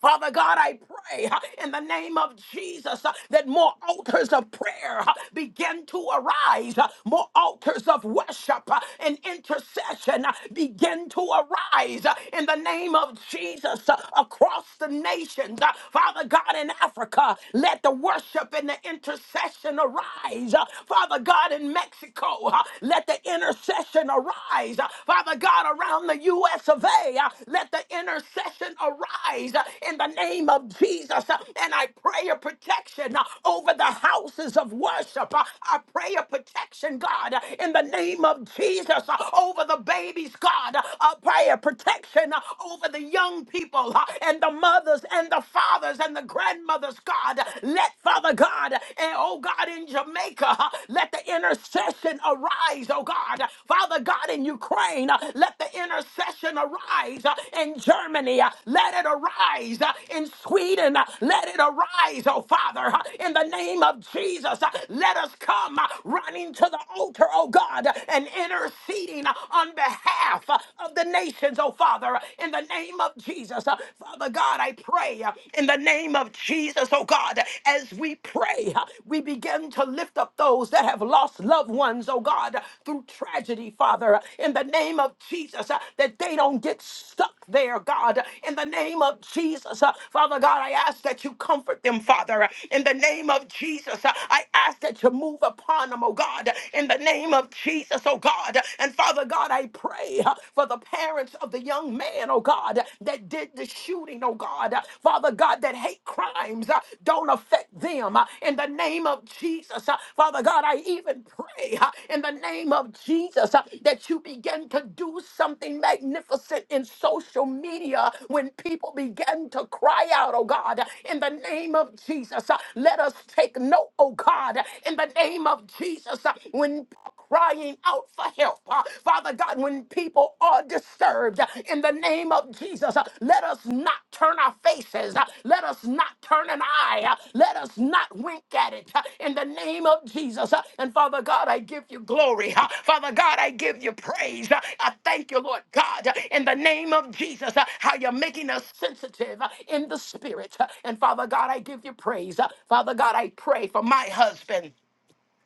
S1: Father God, I pray uh, in the name of Jesus uh, that more altars of prayer uh, begin to arise, uh, more altars of worship uh, and intercession uh, begin to arise uh, in the name of Jesus uh, across the nations. Uh, Father God, in Africa, let the worship and the intercession arise. Uh, Father God, in Mexico, uh, let the intercession arise. Uh, Father God, around the US of A. Uh, Let the intercession arise uh, in the name of Jesus. Uh, And I pray a protection uh, over the houses of worship. Uh, I pray a protection, God, uh, in the name of Jesus uh, over the babies, God. Uh, I pray a protection uh, over the young people uh, and the mothers and the fathers and the grandmothers, God. Let Father God, and oh God, in Jamaica, uh, let the intercession intercession arise, oh God. Father God, in Ukraine, uh, let the intercession arise uh, in Germany. uh, Let it arise uh, in Sweden. uh, Let it arise, oh Father, uh, in the name of Jesus. uh, Let us come uh, running to the altar, oh God, uh, and interceding uh, on behalf uh, of the nations, oh Father, uh, in the name of Jesus. Uh, Father God, I pray uh, in the name of Jesus, oh God, God, as we pray, we begin to lift up those that have lost loved ones, oh God, through tragedy, Father, in the name of Jesus, uh, that they don't get stuck there, God, in the name of Jesus. uh, Father God, I ask that you comfort them, Father, in the name of Jesus. uh, I ask that you move upon them, oh God, in the name of Jesus, oh God. And Father God, I pray uh, for the parents of the young man, oh God, that that did the shooting, oh God. Uh, Father God, that hate crimes uh, don't affect them. Uh, In the name of Jesus, uh, Father God, I even pray uh, in the name of Jesus uh, that you begin to do something magnificent in social media when people begin to cry out, oh God. In the name of Jesus, uh, let us take note, oh God. In the name of Jesus, uh, when people crying out for help. uh, Father God, when people are disturbed, uh, in the name of Jesus, uh, let us not turn our faces. uh, Let us not turn an eye. uh, Let us not wink at it. uh, In the name of Jesus. uh, And Father God, I give you glory. uh, Father God, I give you praise. uh, I thank you, Lord God, uh, in the name of Jesus, uh, how you're making us sensitive uh, in the spirit. uh, And Father God, I give you praise. uh, Father God, I pray for my husband.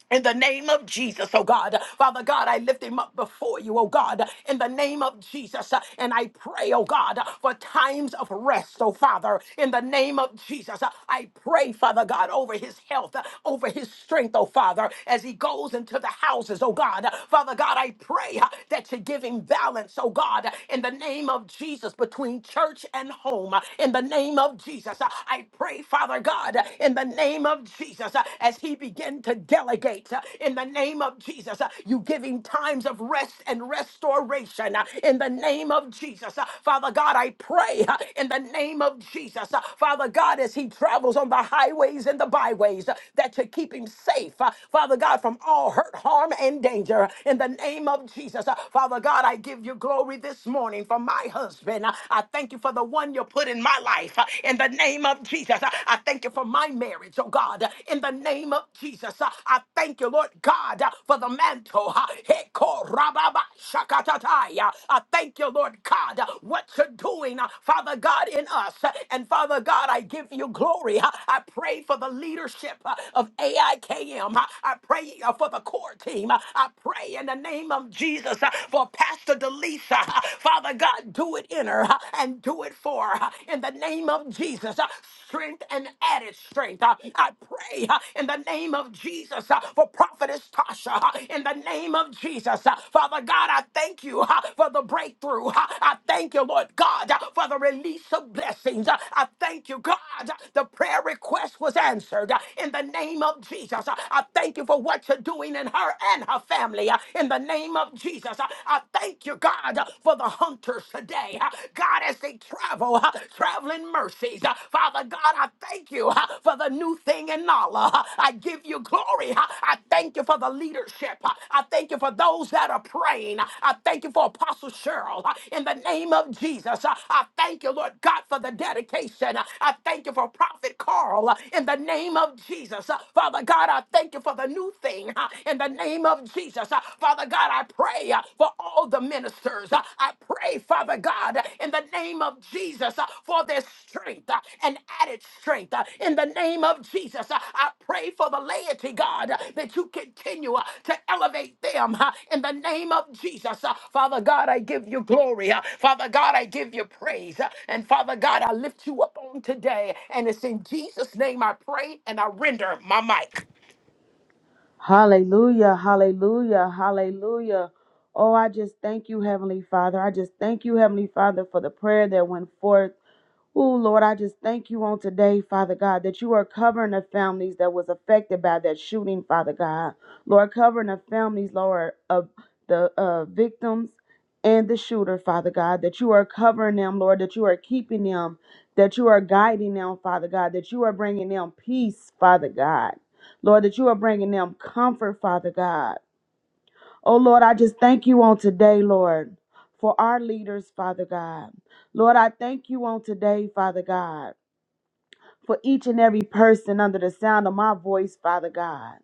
S1: In the name of Jesus, oh God. Father God, I lift him up before you, oh God. In the name of Jesus. uh, And I pray, oh God, for times of rest, oh Father. In the name of Jesus. uh, I pray, Father God, over his health, uh, over his strength, oh Father, as he goes into the houses, oh God. Uh, Father God, I pray uh, that you give him balance, oh God. uh, In the name of Jesus, between church and home. uh, In the name of Jesus. uh, I pray, Father God, uh, in the name name of Jesus, uh, as he began to delegate uh, in the name of Jesus, uh, you give him times of rest and restoration uh, in the name of Jesus. Uh, Father God, I pray uh, in the name of Jesus, uh, Father God, as he travels on the highways and the byways, uh, that you keep him safe, uh, Father God, from all hurt, harm, and danger in the name of Jesus. Uh, Father God, I give you glory this morning for my husband. Uh, I thank you for the one you put in my life. Uh, in in the name of Jesus. I thank you for my marriage, oh God, in the name of Jesus. I thank you, Lord God, for the mantle. Hekorababashakatatai. I thank you, Lord God, what you're doing, Father God, in us. And Father God, I give you glory. I pray for the leadership of AIKM. I K M. I pray uh, for the core team. I pray in the name of Jesus for Pastor Delisa. Father God, do it in her honor uh, and do it for uh, in the name of Jesus. uh, Strength and added strength. uh, I pray uh, in the name of Jesus uh, for Prophetess Tasha. uh, In the name of Jesus, uh, Father God, I thank you uh, for the breakthrough. uh, I thank you, Lord God, uh, for the release of blessings. uh, I thank you, God. uh, The prayer request was answered uh, in the name of Jesus. uh, I thank you for what you're doing in her and her family uh, in the name of Jesus. uh, I thank you, God, uh, for the hunters today. uh, God, as they travel, uh, traveling mercies. uh, Father God, I thank you uh, for the new thing in Nala. uh, I give you glory. uh, I thank you for the leadership. uh, I thank you for those that are praying. uh, I thank you for Apostle Cheryl. uh, In the name of Jesus, uh, I thank you, Lord God, for the dedication. uh, I thank you for Prophet Carl. uh, In the name of Jesus, uh, Father God, I thank you for the new thing. uh, In the name of of Jesus. Uh, Father God, I pray uh, for all the ministers. Uh, I pray, Father God, in the name of Jesus uh, for their strength uh, and added strength. uh, In the name of Jesus, Uh, I pray for the laity, God, uh, that you continue uh, to elevate them uh, in the name of Jesus. Uh, Father God, I give you glory. Uh, Father God, I give you praise. Uh, And Father God, I lift you up on today. And it's in Jesus' name I pray and I render my mic.
S2: Hallelujah, hallelujah, hallelujah. Oh, I just thank you, Heavenly Father. I just thank you, Heavenly Father, for the prayer that went forth. Oh, Lord, I just thank you on today, Father God, that you are covering the families that was affected by that shooting, Father God. Lord, covering the families, Lord, of the uh, victims and the shooter, Father God, that you are covering them, Lord, that you are keeping them, that you are guiding them, Father God, that you are bringing them peace, Father God. Lord, that you are bringing them comfort, Father God. Oh, Lord, I just thank you on today, Lord, for our leaders, Father God. Lord, I thank you on today, Father God for each and every person under the sound of my voice, Father God.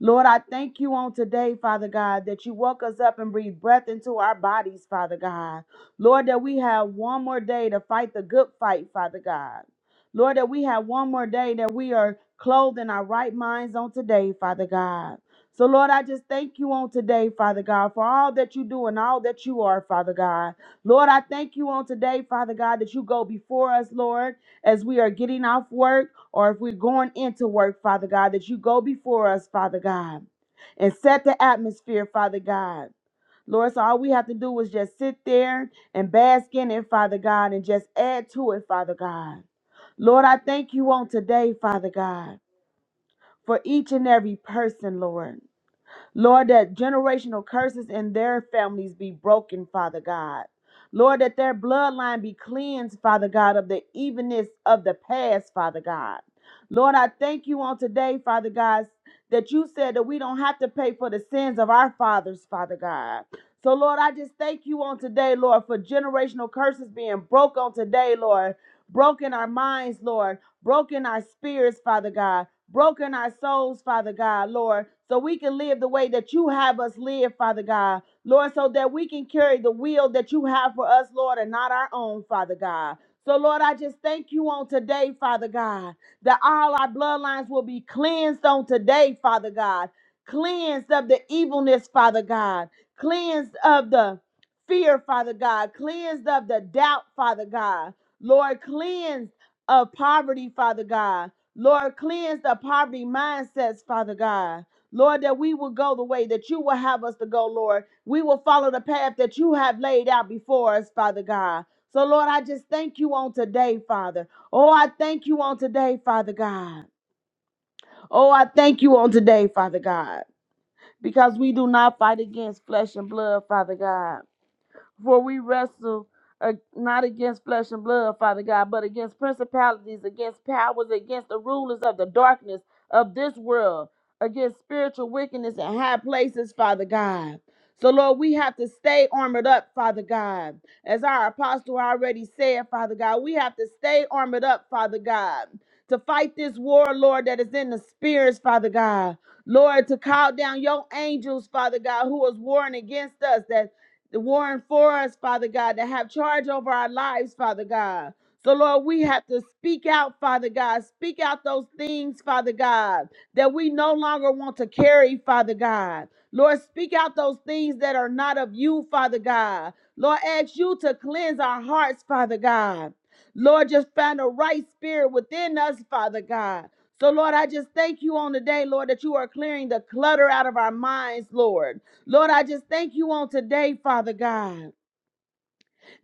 S2: Lord, I thank you on today, Father God, that you woke us up and breathed breath into our bodies, Father God. Lord, that we have one more day to fight the good fight, Father God. Lord, that we have one more day that we are clothed in our right minds on today, Father God. So, Lord, I just thank you on today, Father God, for all that you do and all that you are, Father God. Lord, I thank you on today, Father God, that you go before us, Lord as we are getting off work or if we're going into work, Father God, that you go before us, Father God, and set the atmosphere, Father God. Lord, so all we have to do is just sit there and bask in it, Father God, and just add to it, Father God. Lord, I thank you on today, Father God, for each and every person, Lord. Lord, that generational curses in their families be broken, Father God. Lord, that their bloodline be cleansed, Father God, of the evenness of the past, Father God. Lord, I thank you on today, Father God, that you said that we don't have to pay for the sins of our fathers, Father God. So, Lord, I just thank you on today, Lord, for generational curses being broke on today, Lord. Broken our minds, Lord. Broken our spirits, Father God broken our souls, Father God, Lord, so we can live the way that you have us live, Father God, Lord, so that we can carry the will that you have for us, Lord, and not our own, Father God. So, Lord, I just thank you on today, Father God, that all our bloodlines will be cleansed on today, Father God, cleansed of the evilness, Father God, cleansed of the fear, Father God, cleansed of the doubt, Father God, Lord, cleansed of poverty, Father God, Lord, cleanse the poverty mindsets, Father God. Lord, that we will go the way that you will have us to go, Lord. We will follow the path that you have laid out before us, Father God. So, Lord, I just thank you on today, Father. Oh, I thank you on today, Father God. Oh, I thank you on today, Father God, because we do not fight against flesh and blood, Father God. For we wrestle uh, not against flesh and blood, Father God, but against principalities, against powers, against the rulers of the darkness of this world, against spiritual wickedness in high places, Father God. So, Lord, we have to stay armored up, Father God. As our apostle already said, Father God, we have to stay armored up, Father God, to fight this war, Lord, that is in the spirits, Father God. Lord, to call down your angels, Father God, who is warring against us, that the warring for us, Father God, that have charge over our lives, Father God. So, Lord, we have to speak out, Father God. Speak out those things, Father God, that we no longer want to carry, Father God. Lord, speak out those things that are not of you, Father God. Lord, ask you to cleanse our hearts, Father God. Lord, just find a right spirit within us, Father God. So, Lord, I just thank you on the day, Lord, that you are clearing the clutter out of our minds, Lord. Lord, I just thank you on today, Father God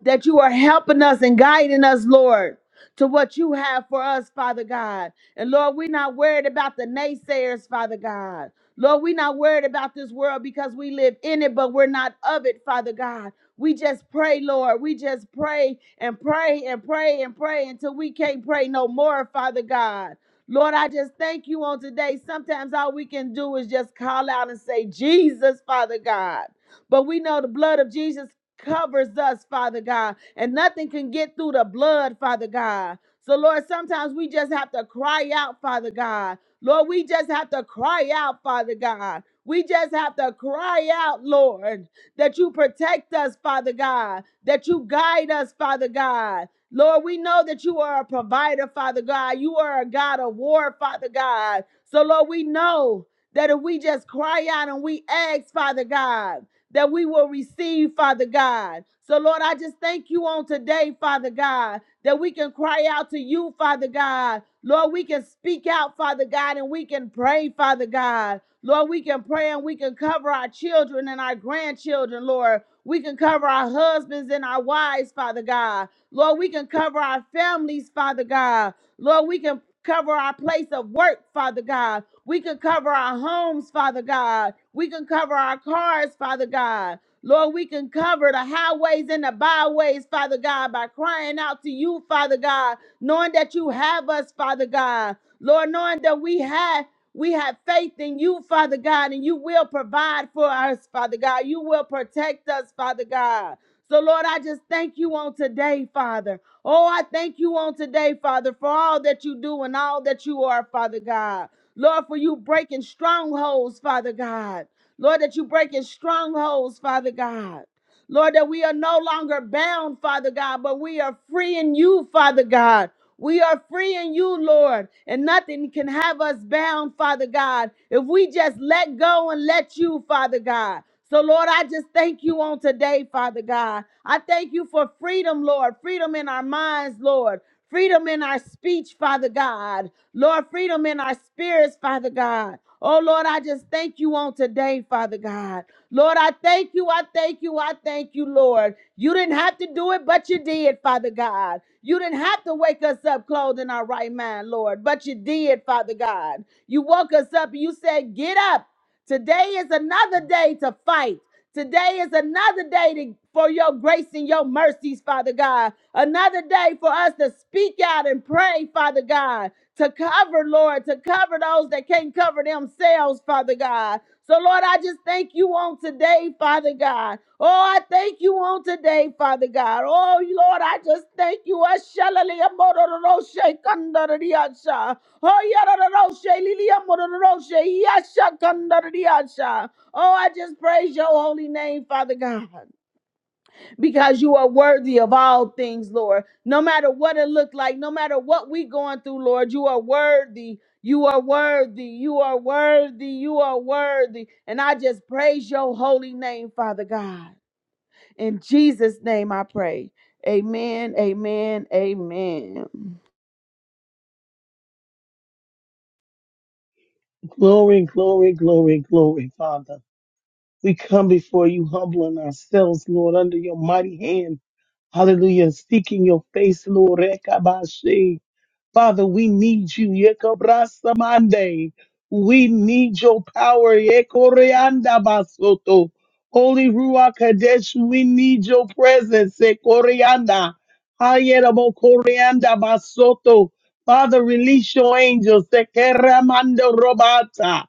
S2: that you are helping us and guiding us, Lord, to what you have for us, Father God. And Lord, we're not worried about the naysayers, Father God. Lord, we're not worried about this world because we live in it, but we're not of it, Father God. We just pray, Lord. We just pray and pray and pray and pray until we can't pray no more, Father God. Lord, I just thank you on today. Sometimes all we can do is just call out and say, Jesus, Father God. But we know the blood of Jesus covers us, Father God, and nothing can get through the blood, Father God. So, Lord, sometimes we just have to cry out, Father God. Lord, we just have to cry out, Father God. We just have to cry out, Lord, that you protect us, Father God, that you guide us, Father God. Lord, we know that you are a provider, Father God. You are a God of war, Father God. So, Lord, we know that if we just cry out and we ask, Father God, that we will receive, Father God. So, Lord, I just thank you on today, Father God, that we can cry out to you, Father God. Lord, we can speak out, Father God, and we can pray, Father God. Lord, we can pray and we can cover our children and our grandchildren, Lord. We can cover our husbands and our wives, Father God. Lord, we can cover our families, Father God. Lord, we can cover our place of work, Father God. We can cover our homes, Father God. We can cover our cars, Father God. Lord, we can cover the highways and the byways, Father God, by crying out to you, Father God, knowing that you have us, Father God. Lord, knowing that we have we have faith in you, Father God, and you will provide for us, Father God. You will protect us, Father God. So, Lord, I just thank you on today, Father. Oh, I thank you on today, Father, for all that you do and all that you are, Father God. Lord, for you breaking strongholds, Father God. Lord, that you breaking strongholds, Father God. Lord, that we are no longer bound, Father God, but we are free in you, Father God. We are free in you, Lord, and nothing can have us bound, Father God, if we just let go and let you, Father God. So, Lord, I just thank you on today, Father God. I thank you for freedom, Lord, freedom in our minds, Lord, freedom in our speech, Father God, Lord, freedom in our spirits, Father God. Oh Lord, I just thank you on today, Father God. Lord, I thank you, I thank you, I thank you, Lord. You didn't have to do it, but you did, Father God. You didn't have to wake us up clothed in our right mind, Lord, but you did, Father God. You woke us up and you said, Get up. Today is another day to fight. Today is another day to, for your grace and your mercies, Father God. Another day for us to speak out and pray, Father God, to cover, Lord, to cover those that can't cover themselves, Father God. So, Lord, I just thank you on today, Father God. Oh, I thank you on today, Father God. Oh, Lord, I just thank you. Oh, Oh, I just praise your holy name, Father God, because you are worthy of all things, Lord. No matter what it looked like, no matter what we going through, Lord, you are worthy. You are worthy. You are worthy. You are worthy. And I just praise your holy name, Father God. In Jesus' name I pray. Amen. Amen. Amen.
S3: Glory, glory, glory, glory, Father. We come before you, humbling ourselves, Lord, under your mighty hand. Hallelujah. Seeking your face, Lord. Rekabashe. Father, we need you. Yekabrasa mande. We need your power. Yekoreanda basoto. Holy Ruach Kadesh, we need your presence. Yekoreanda. Hayerabo koreanda basoto. Father, release your angels. Sekeramando robata.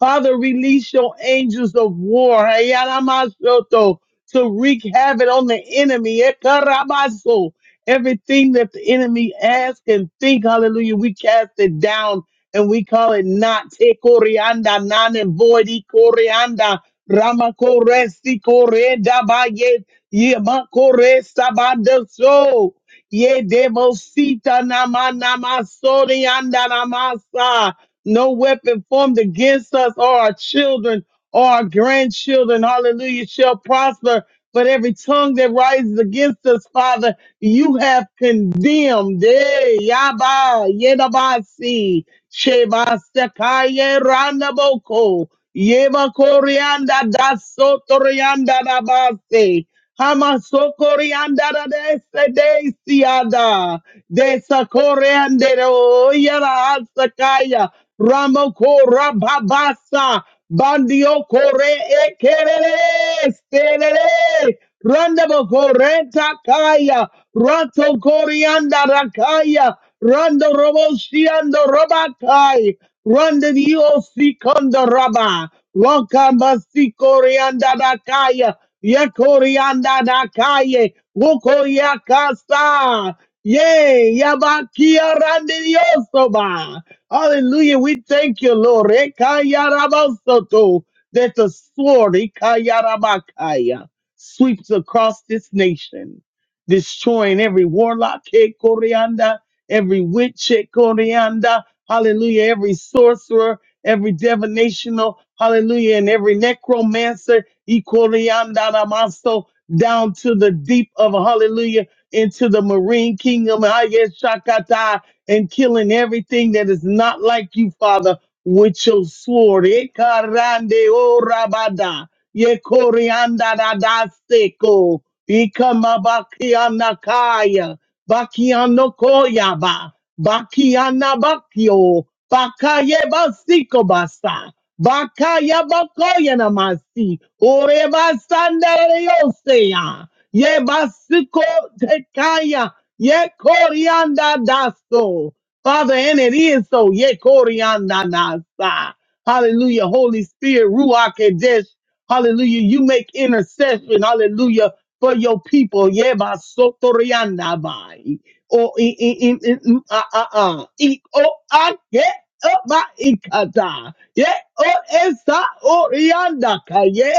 S3: Father, release your angels of war. Hayana masoto. To wreak havoc on the enemy. Yekarabaso. Everything that the enemy asks and think, hallelujah, we cast it down and we call it not te corianda, non and void e corianda, rama coresi coreda ba ye, ye ma coresa ba de so, ye demosita nama nama sorianda namasa. No weapon formed against us or our children or our grandchildren, hallelujah, shall prosper. But every tongue that rises against us, Father, you have condemned. Eh, Yaba, Yedabasi, Sheba, Sekaye, Randaboko, Yeba, Korianda, Dasotorianda, Nabase. Hamasokoriandara de Sedesiada de Sakoreandero Yara Sakaya Ramokora Babasa Bandio Kore Ekere Stere Randabo kore takaya Rato Koriandara Kaya Rando Roboshiando Robakai Randa Dio Sikondo Raba Wakamba Sikoriandara Kaya Yekorianda dakaye. Wokoria kasa. Yay, Yabakia Randiosoba. Hallelujah. We thank you, Lord. Ekayarabasoto. That the sword Ekayarabakaya, sweeps across this nation, destroying every warlock, Ekorianda, every witch, Ekorianda, hallelujah, every sorcerer, every divinational, hallelujah, and every necromancer Ikoriandamaso, down to the deep of hallelujah, into the marine kingdom, Hayeshakata, and killing everything that is not like you, Father, with your sword. Ekarande o rabada yekorianda da da seko orabada, yekoriandadadaseko, ikamabakianakaya, bakianokoyaba, bakianabakio, bakayebasiko basa. Bakaya bakoya namasi. Ore basandareyosea. Ye basiko tekaya. Ye korianda daso. Father, and it is so. Ye korianda nasa. Hallelujah. Holy Spirit, Ruach Kadesh. Hallelujah. You make intercession. Hallelujah. For your people. Ye basotorianda bai. O i i i i- mm, ah ah ah. I o ah, ye, ah, ba, ikata. Ye o esa o rianda ka ye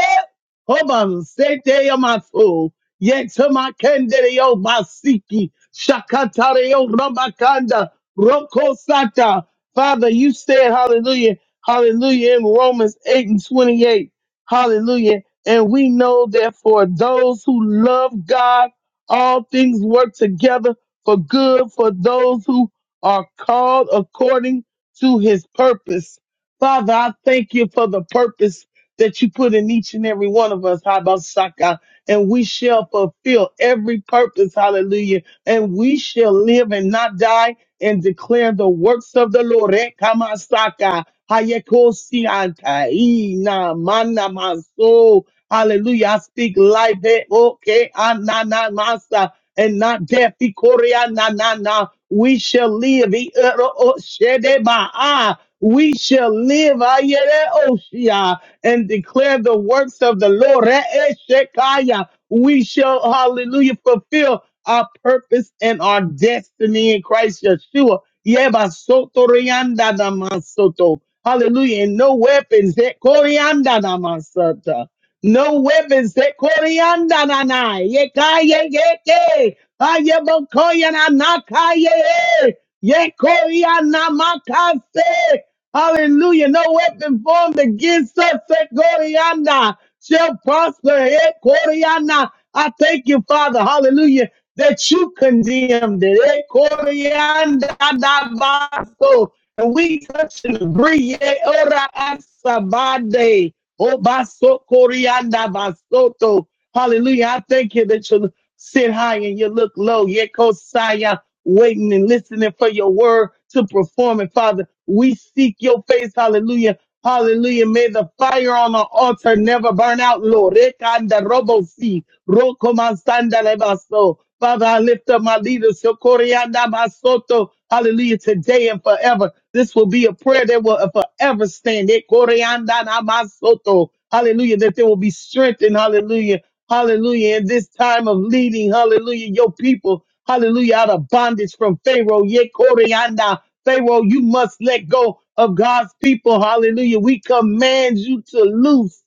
S3: hoban sete yamaso ye tama kendere yo masiki shakatare yo rabakanda roko sata. Father, you said hallelujah, hallelujah in Romans 8 and 28. Hallelujah. And we know that for those who love God, all things work together for good for those who are called according to his purpose. Father, I thank you for the purpose that you put in each and every one of us, Habasaka, and we shall fulfill every purpose, hallelujah, and we shall live and not die and declare the works of the Lord. Eh, Kamasaka, Hayekosi Antai, Na Mana Maso. Hallelujah. I speak life, eh, okay, Anana Masa, and not death, Ikoria, na, na, na. We shall live. eh, uh, oh, oh, Shedeba, ah we shall live ayere oshia, and declare the works of the Lord. Re'eshekaya. We shall, hallelujah, fulfill our purpose and our destiny in Christ Yeshua. Yebasoto rianda damasoto. Hallelujah. And no weapons. that corianda damasata. No weapons. that corianda nanai. Yekaya yeke. Ayabokoya nanakaye. Yekoya makase. Hallelujah. No weapon formed against us, eh, Gloriana, shall prosper. eh, Gloriana. I thank you, Father. Hallelujah. That you condemned it. eh, Gloriana, da, ba, so. And we touch and agree. eh, ora, asabade, o, ba, so, Gloriana, ba, so, so. Hallelujah. I thank you that you sit high and you look low. Yekosaya waiting and listening for your word to perform. And Father, we seek your face. Hallelujah. Hallelujah. May the fire on the altar never burn out, Lord. Ekanda robo si, rokomansanda lebaso. Father, I lift up my leaders, Shokorianda Masoto. Hallelujah. Today and forever. This will be a prayer that will forever stand. Ekorianda Namasoto. Hallelujah. That there will be strength and hallelujah. Hallelujah. In this time of leading, hallelujah, your people, hallelujah, out of bondage from Pharaoh. Ye Koreana. Pharaoh, you must let go of God's people. Hallelujah. We command you to loose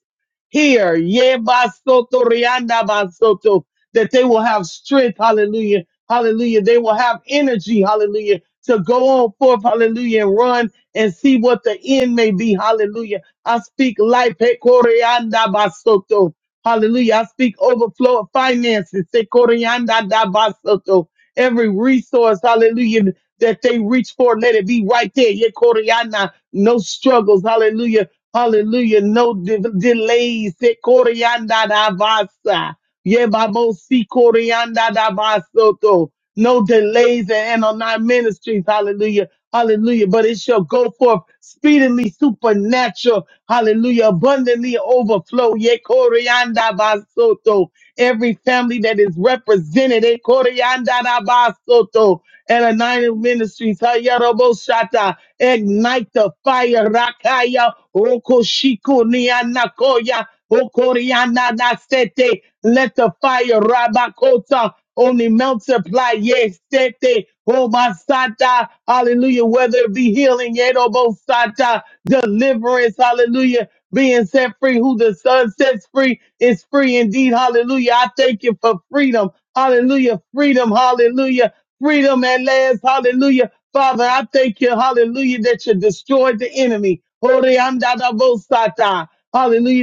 S3: here. Ye basoto rianda basoto. That they will have strength. Hallelujah. Hallelujah. They will have energy. Hallelujah. To go on forth. Hallelujah. And run and see what the end may be. Hallelujah. I speak life. He Koreanda basoto. Hallelujah. I speak overflow of finances. Sekorianda da basoto. Every resource, hallelujah, that they reach for, let it be right there. Yekoriana. No struggles. Hallelujah. Hallelujah. No de- delays. Sekorianda da basa. Yebabosi corianda da basoto. No delays in our ministries. Hallelujah. Hallelujah. But it shall go forth speedily, supernatural. Hallelujah. Abundantly overflow. Ye corianda basoto. Every family that is represented. E corianda da basoto. At United Ministries. Hayarabo shata. Ignite the fire. Rakaya. Okoshiko nianakoya. Okoriana da sete. Let the fire rabakota only multiply. Yes, sete, oh my sata, hallelujah. Whether it be healing, yet oh sata, deliverance, hallelujah. Being set free, who the Son sets free is free indeed. Hallelujah. I thank you for freedom. Hallelujah. Freedom. Hallelujah. Freedom at last. Hallelujah. Father, I thank you. Hallelujah. That you destroyed the enemy. Hallelujah.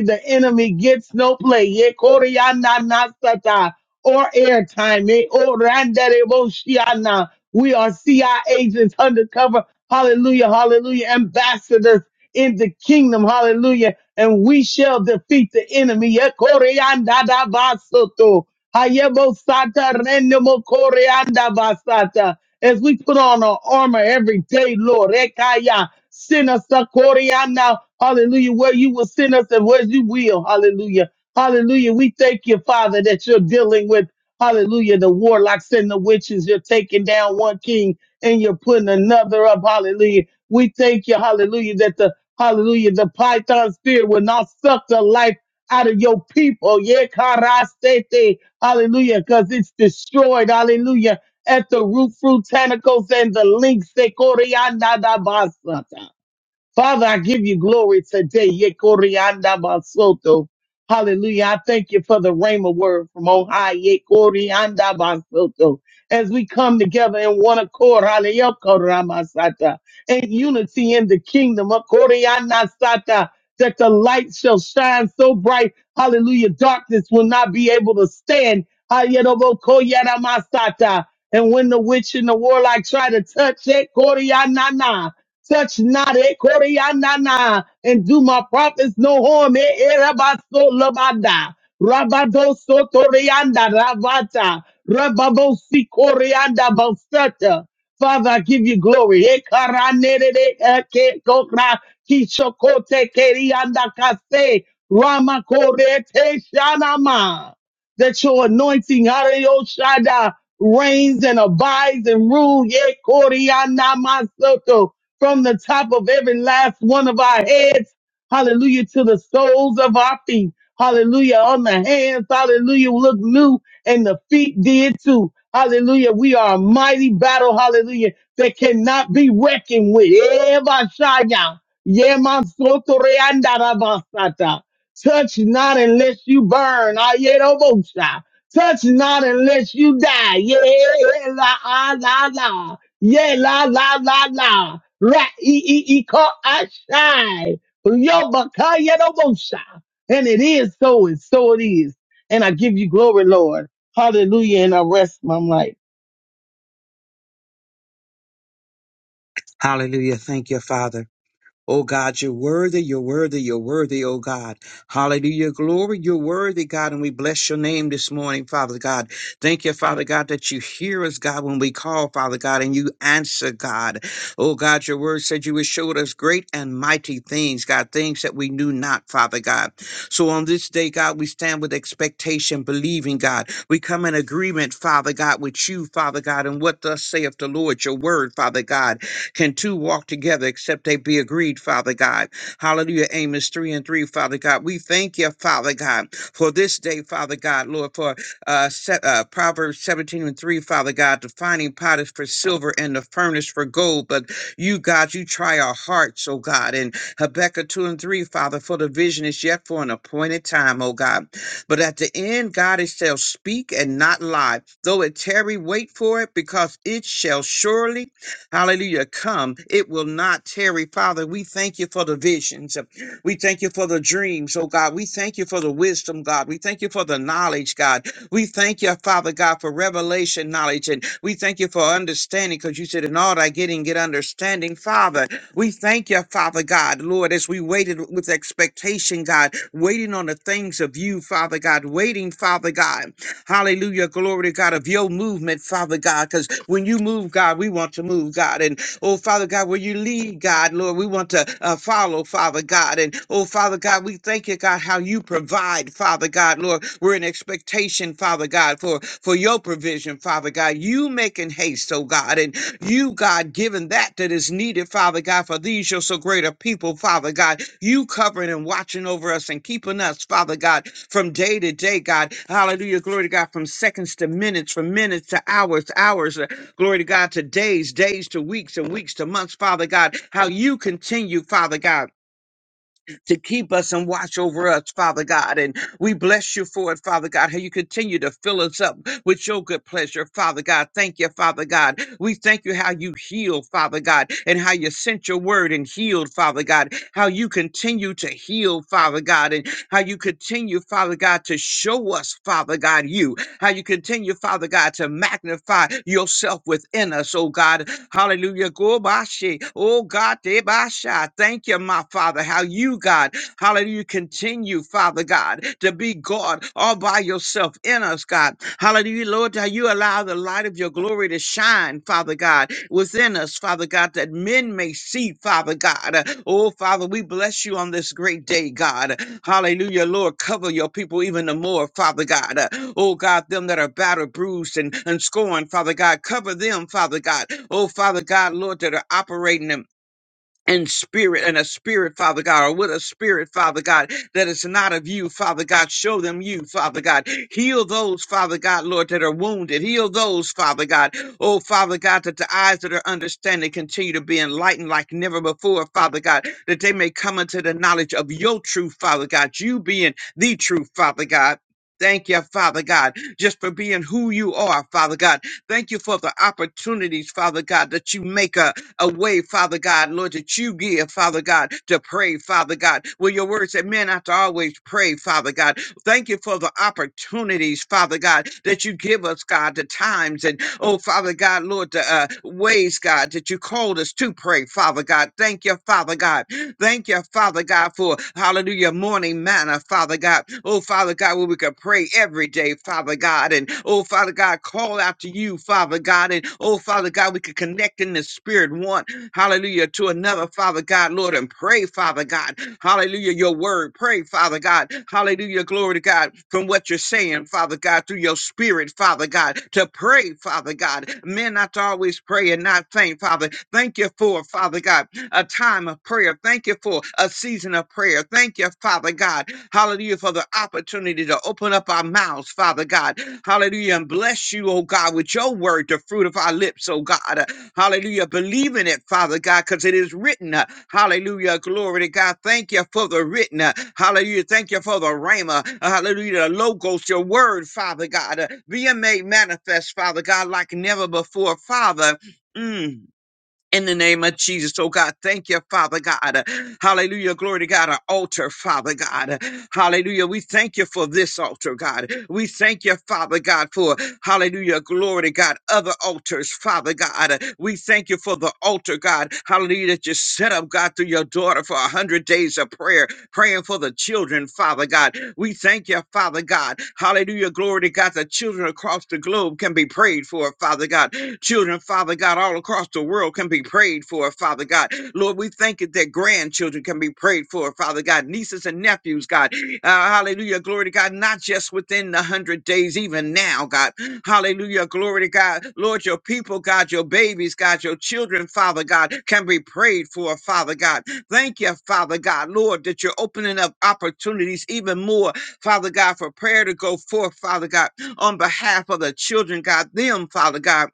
S3: The enemy gets no play. Yeah, Koreananasata or airtime. eh, or randarebo-shiana. We are CI agents undercover. Hallelujah, hallelujah. Ambassadors in the kingdom. Hallelujah. And we shall defeat the enemy. Eh, koreandadabasoto. Hayebosata rendemokoreandabasata. As we put on our armor every day, Lord. Rekaya. Send us the Koreana. Hallelujah. Where you will send us and where you will. Hallelujah Hallelujah. We thank you, Father, that you're dealing with, hallelujah, the warlocks and the witches. You're taking down one king and you're putting another up. Hallelujah. We thank you, hallelujah, that the, hallelujah, the python spirit will not suck the life out of your people. Yeah, karastete. Hallelujah. Because it's destroyed. Hallelujah. At the root fruit tentacles and the links. Sekorianda da basata. Father, I give you glory today. Yekorianda basoto. Hallelujah. I thank you for the Rhema word from on high. Yekorianda basoto. As we come together in one accord, hallelujah, koramasata, in unity in the kingdom of Korianda Sata, that the light shall shine so bright, hallelujah, darkness will not be able to stand. Hayerobo koyaramasata. And when the witch and the warlock try to touch it, Touch not it, Korianana, and do my prophets no harm. Eh, eh, Rabaso Labada, Rabado Sotorianda, Ravata, Rababosi Korianda Bostata. Father, I give you glory. Eh, Karanere, eh, Ke, Kokra, Kishokote, Kerianda, Kase, Rama Kore, Te, Shanama. That your anointing, Ariyo Shada, reigns and abides and rules. Ye Koriana Masoto from the top of every last one of our heads. Hallelujah. To the soles of our feet. Hallelujah. On the hands. Hallelujah. Look new and the feet did too. Hallelujah. We are a mighty battle. Hallelujah. That cannot be reckoned with. Eva Shaya. Yema soto reanda rabasata. Touch not unless you burn. Ayerobosha. Touch not unless you die. Yeah, la, ah, la, la. Yeah, la, la, la, la. Ra-e-e-e-ka-ashai. Yo-ba-ka-ya-do-bo-sha. And it is so, and so it is. And I give you glory, Lord. Hallelujah. And I rest my life.
S4: Hallelujah. Thank you, Father. Oh God, you're worthy, you're worthy, you're worthy, oh God. Hallelujah. Glory, you're worthy, God, and we bless your name this morning, Father God. Thank you, Father God, that you hear us, God, when we call, Father God, and you answer, God. Oh God, your word said you would show us great and mighty things, God, things that we knew not, Father God. So on this day, God, we stand with expectation, believing, God. We come in agreement, Father God, with you, Father God, and what thus saith the Lord, your word, Father God. Can two walk together except they be agreed, Father God? Hallelujah. Amos 3 and 3, Father God. We thank you, Father God, for this day, Father God, Lord, for uh, se- uh, Proverbs 17 and 3, Father God, the finding pot is for silver and the furnace for gold. But you, God, you try our hearts, oh God. And Habakkuk 2 and 3, Father, for the vision is yet for an appointed time, oh God. But at the end, God, it shall speak and not lie. Though it tarry, wait for it, because it shall surely hallelujah, come. It will not tarry. Father, we thank you for the visions. We thank you for the dreams, oh God. We thank you for the wisdom, God. We thank you for the knowledge, God. We thank you, Father God, for revelation knowledge. And we thank you for understanding because you said, in all thy getting, get understanding, Father. We thank you, Father God, Lord, as we waited with expectation, God, waiting on the things of you, Father God, waiting, Father God. Hallelujah. Glory to God of your movement, Father God. Because when you move, God, we want to move, God. And oh, Father God, where you lead, God, Lord, we want to uh, follow, Father God. And oh, Father God, we thank you, God, how you provide, Father God, Lord. We're in expectation, Father God, for, for your provision, Father God. You making haste, oh God. And you, God, giving that that is needed, Father God, for these your so great a people, Father God. You covering and watching over us and keeping us, Father God from day to day, God. Hallelujah. Glory to God. From seconds to minutes, from minutes to hours, to hours. uh, Glory to God to days, days to weeks, and weeks to months, Father God. How you continue, Father God to keep us and watch over us, Father God. And we bless you for it, Father God, how you continue to fill us up with your good pleasure, Father God. Thank you, Father God. We thank you how you heal, Father God, and how you sent your word and healed, Father God, how you continue to heal, Father God, and how you continue, Father God, to show us, Father God, you, how you continue, Father God, to magnify yourself within us, oh God, Hallelujah. Go, Bashe. Oh God, de Debasha. Thank you, my Father, how you, God, Hallelujah. Continue, Father God, to be God all by yourself in us, God. Hallelujah, Lord, how you allow the light of your glory to shine, Father God, within us, Father God, that men may see, Father God. Uh, Oh, Father, we bless you on this great day, God. Hallelujah, Lord, cover your people even the more, Father God. Uh, Oh, God, them that are battered, bruised, and, and scorned, Father God, cover them, Father God. Oh, Father God, Lord, that are operating them and spirit and a spirit, Father God, or with a spirit, Father God, that is not of you, Father God. Show them you, Father God. Heal those, Father God, Lord, that are wounded. Heal those, Father God. Oh, Father God, that the eyes that are understanding continue to be enlightened like never before, Father God, that they may come into the knowledge of your truth, Father God, you being the truth, Father God. Thank you, Father God, just for being who you are, Father God. Thank you for the opportunities, Father God, that you make us a way, Father God, Lord, that you give, Father God, to pray, Father God. Well, your word said, men ought to always pray, Father God. Thank you for the opportunities, Father God, that you give us, God, the times and, oh, Father God, Lord, the uh, ways, God, that you called us to pray, Father God. Thank you, Father God. Thank you, Father God, for hallelujah, morning manna, Father God. Oh, Father God, where we can pray every day, Father God. And oh, Father God, call out to you, Father God. And oh, Father God, we can connect in the spirit one, hallelujah, to another, Father God, Lord, and pray, Father God. Hallelujah, your word. Pray, Father God. Hallelujah, glory to God, from what you're saying, Father God, through your spirit, Father God, to pray, Father God. Men not to always pray and not faint, Father. Thank you for, Father God a time of prayer. Thank you for a season of prayer. Thank you, Father God. Hallelujah, for the opportunity to open up our mouths, Father God. Hallelujah, and bless you, oh God, with your word, the fruit of our lips, oh God. Uh, Hallelujah, believe in it, Father God, because it is written. Uh, Hallelujah, glory to God. Thank you for the written. Uh, Hallelujah, thank you for the rhema. Uh, Hallelujah, the logos, your word, Father God. Uh, Being made manifest, Father God, like never before, Father. Mm in the name of Jesus. Oh God, thank you, Father God. Hallelujah. Glory to God. Our altar, Father God. Hallelujah. We thank you for this altar, God. We thank you, Father God, for hallelujah. Glory to God. Other altars, Father God. We thank you for the altar, God. Hallelujah. That you set up, God, through your daughter for a hundred days of prayer praying for the children, Father God. We thank you, Father God. Hallelujah. Glory to God. The children across the globe can be prayed for, Father God. Children, Father God, all across the world can be prayed for, Father God. Lord, we thank you that grandchildren can be prayed for, Father God. Nieces and nephews, God. Uh, hallelujah. Glory to God. Not just within the hundred days, even now, God. Hallelujah. Glory to God. Lord, your people, God, your babies, God, your children, Father God, can be prayed for, Father God. Thank you, Father God, Lord, that you're opening up opportunities even more, Father God, for prayer to go forth, Father God, on behalf of the children, God, them, Father God,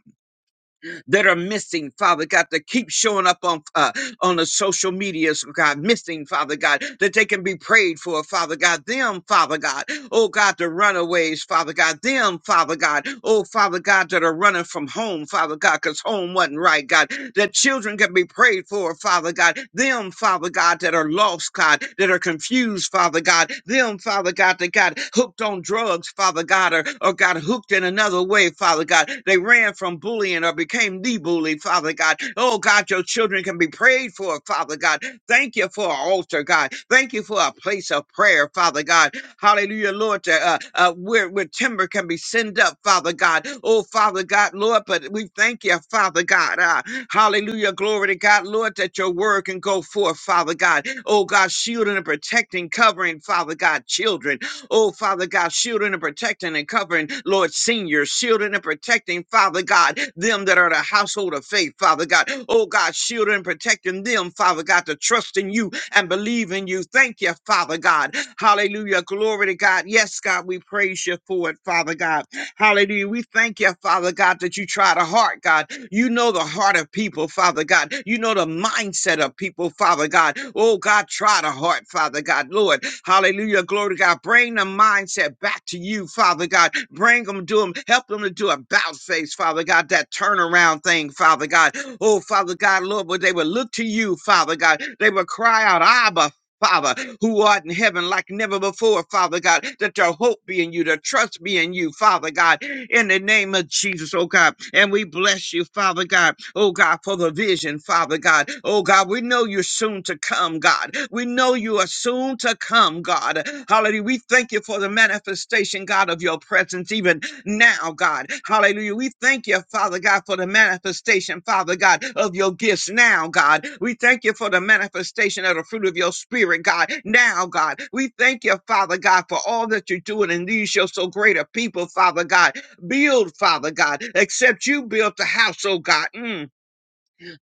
S4: that are missing, Father God, that keep showing up on uh, on the social medias, God, missing, Father God, that they can be prayed for, Father God, them, Father God, oh God, the runaways, Father God, them, Father God, oh Father God, that are running from home, Father God, because home wasn't right, God, that children can be prayed for, Father God, them, them, Father God, that are lost, God, that are confused, Father God, them, Father God, that got hooked on drugs, Father God, or, or got hooked in another way, Father God. They ran from bullying or became the bully, Father God. Oh God, your children can be prayed for, Father God. Thank you for an altar, God. Thank you for a place of prayer, Father God. Hallelujah, Lord. to, Uh, uh, where, where timber can be sent up, Father God. Oh, Father God, Lord, but we thank you, Father God. Uh, hallelujah, glory to God, Lord, that your word can go forth, Father God. Oh, God, shielding and protecting, covering, Father God, children. Oh, Father God, shielding and protecting and covering, Lord, seniors, shielding and protecting, Father God, them that are the household of faith, Father God. Oh, God, shielding and protecting them, Father God, to trust in you, and believe in you. Thank you, Father God. Hallelujah. Glory to God. Yes, God, we praise you for it, Father God. Hallelujah. We thank you, Father God, that you try the heart, God. You know the heart of people, Father God. You know the mindset of people, Father God. Oh, God, try the heart, Father God. Lord, hallelujah. Glory to God. Bring the mindset back to you, Father God. Bring them to them. Help them to do a bounce face, Father God. That turnaround thing, Father God. Oh, Father God, Lord, but they would look to you, Father God. They would cry out, Abba, Father, who art in heaven like never before, Father God, that your hope be in you, the trust be in you, Father God, in the name of Jesus, oh God. And we bless you, Father God, oh God, for the vision, Father God. Oh God, we know you're soon to come, God. We know you are soon to come, God. Hallelujah. We thank you for the manifestation, God, of your presence, even now, God. Hallelujah. We thank you, Father God, for the manifestation, Father God, of your gifts now, God. We thank you for the manifestation of the fruit of your spirit, God, now, God. We thank you, Father God, for all that you're doing in these your so great a people, Father God. Build, Father God, except you built the house, oh God. Mm.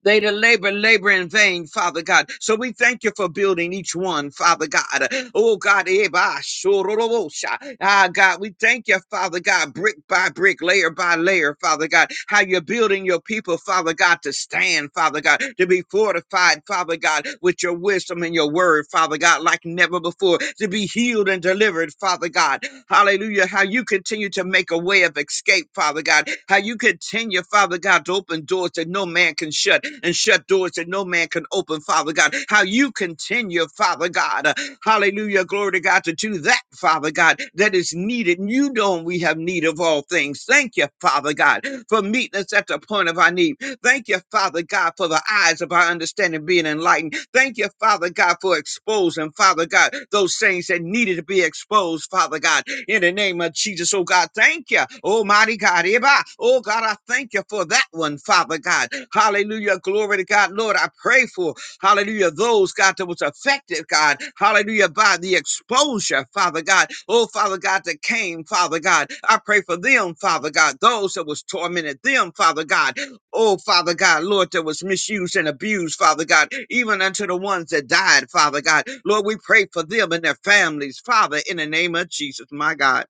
S4: They that labor, labor in vain, Father God. So we thank you for building each one, Father God. Oh God, eh, bah, shororobosha. ah God, we thank you, Father God, brick by brick, layer by layer, Father God. How you're building your people, Father God, to stand, Father God, to be fortified, Father God, with your wisdom and your word, Father God, like never before, to be healed and delivered, Father God. Hallelujah. How you continue to make a way of escape, Father God. How you continue, Father God, to open doors that no man can shut and shut doors that no man can open, Father God. How you continue, Father God. uh, Hallelujah. Glory to God to do that, Father God, that is needed. And you know we have need of all things. Thank you, Father God, for meeting us at the point of our need. Thank you, Father God, for the eyes of our understanding being enlightened. Thank you, Father God, for exposing, Father God, those things that needed to be exposed, Father God in the name of Jesus. Oh God, thank you. Almighty God. Eba. Oh God, I thank you for that one, Father God. Hallelujah. Glory to God. Lord, I pray for, hallelujah, those, God, that was affected, God. Hallelujah, by the exposure, Father God. Oh, Father God, that came, Father God. I pray for them, Father God. Those that was tormented, them, Father God. Oh, Father God, Lord, that was misused and abused, Father God, even unto the ones that died, Father God. Lord, we pray for them and their families, Father, in the name of Jesus, my God.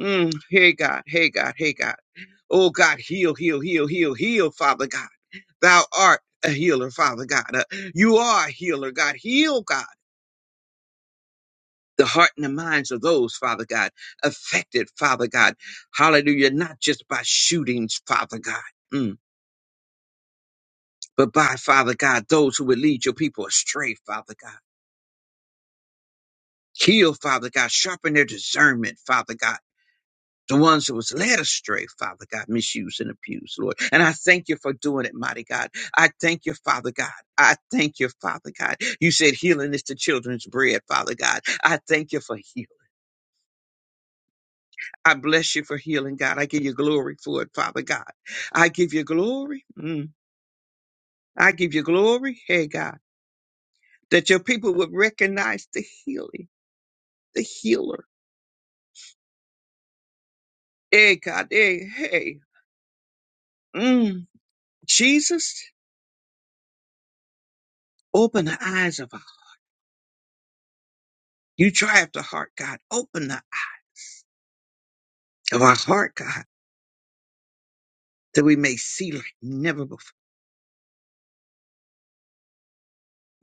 S4: Mm, hey, God, hey, God, hey, God. Oh, God, heal, heal, heal, heal, heal, Father God. Thou art a healer, Father God. Uh, you are a healer, God. Heal, God. The heart and the minds of those, Father God, affected, Father God. Hallelujah. Not just by shootings, Father God. Mm. But by Father God, those who would lead your people astray, Father God. Heal, Father God. Sharpen their discernment, Father God. The ones who was led astray, Father God, misused and abused, Lord. And I thank you for doing it, mighty God. I thank you, Father God. I thank you, Father God. You said healing is the children's bread, Father God. I thank you for healing. I bless you for healing, God. I give you glory for it, Father God. I give you glory. Mm. I give you glory, hey God, that your people would recognize the healing, the healer. Hey, God, hey, hey. Mm. Jesus, open the eyes of our You try after heart, God. Open the eyes of our heart, God, that we may see like never before.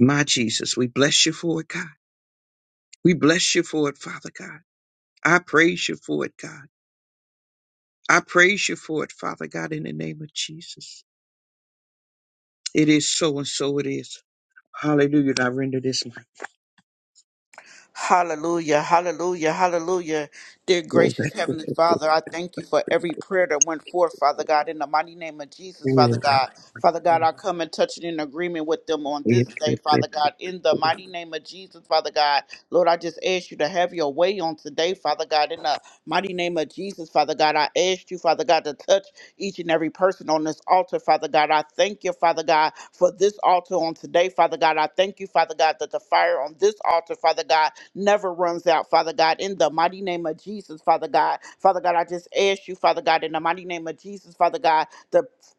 S4: My Jesus, we bless you for it, God. We bless you for it, Father God. I praise you for it, God. I praise you for it, Father God, in the name of Jesus. It is so and so it is. Hallelujah. I render this
S5: Hallelujah, hallelujah, hallelujah. Dear gracious Heavenly Father, I thank you for every prayer that went forth, Father God, in the mighty name of Jesus, Father God. Father God, I come and touch it in agreement with them on this day, Father
S4: life.
S5: God, in the mighty name of Jesus, Father God. Lord, I just ask you to have your way on today, Father God, in the Mighty name of Jesus, Father God, I ask you, Father God, to touch each and every person on this altar, Father God. I thank you, Father God, for this altar on today, Father God. I thank you, Father God, that the fire on this altar, Father God, never runs out, Father God. In the mighty name of Jesus, Father God. Father God, I just ask you, Father God, in the mighty name of Jesus, Father God,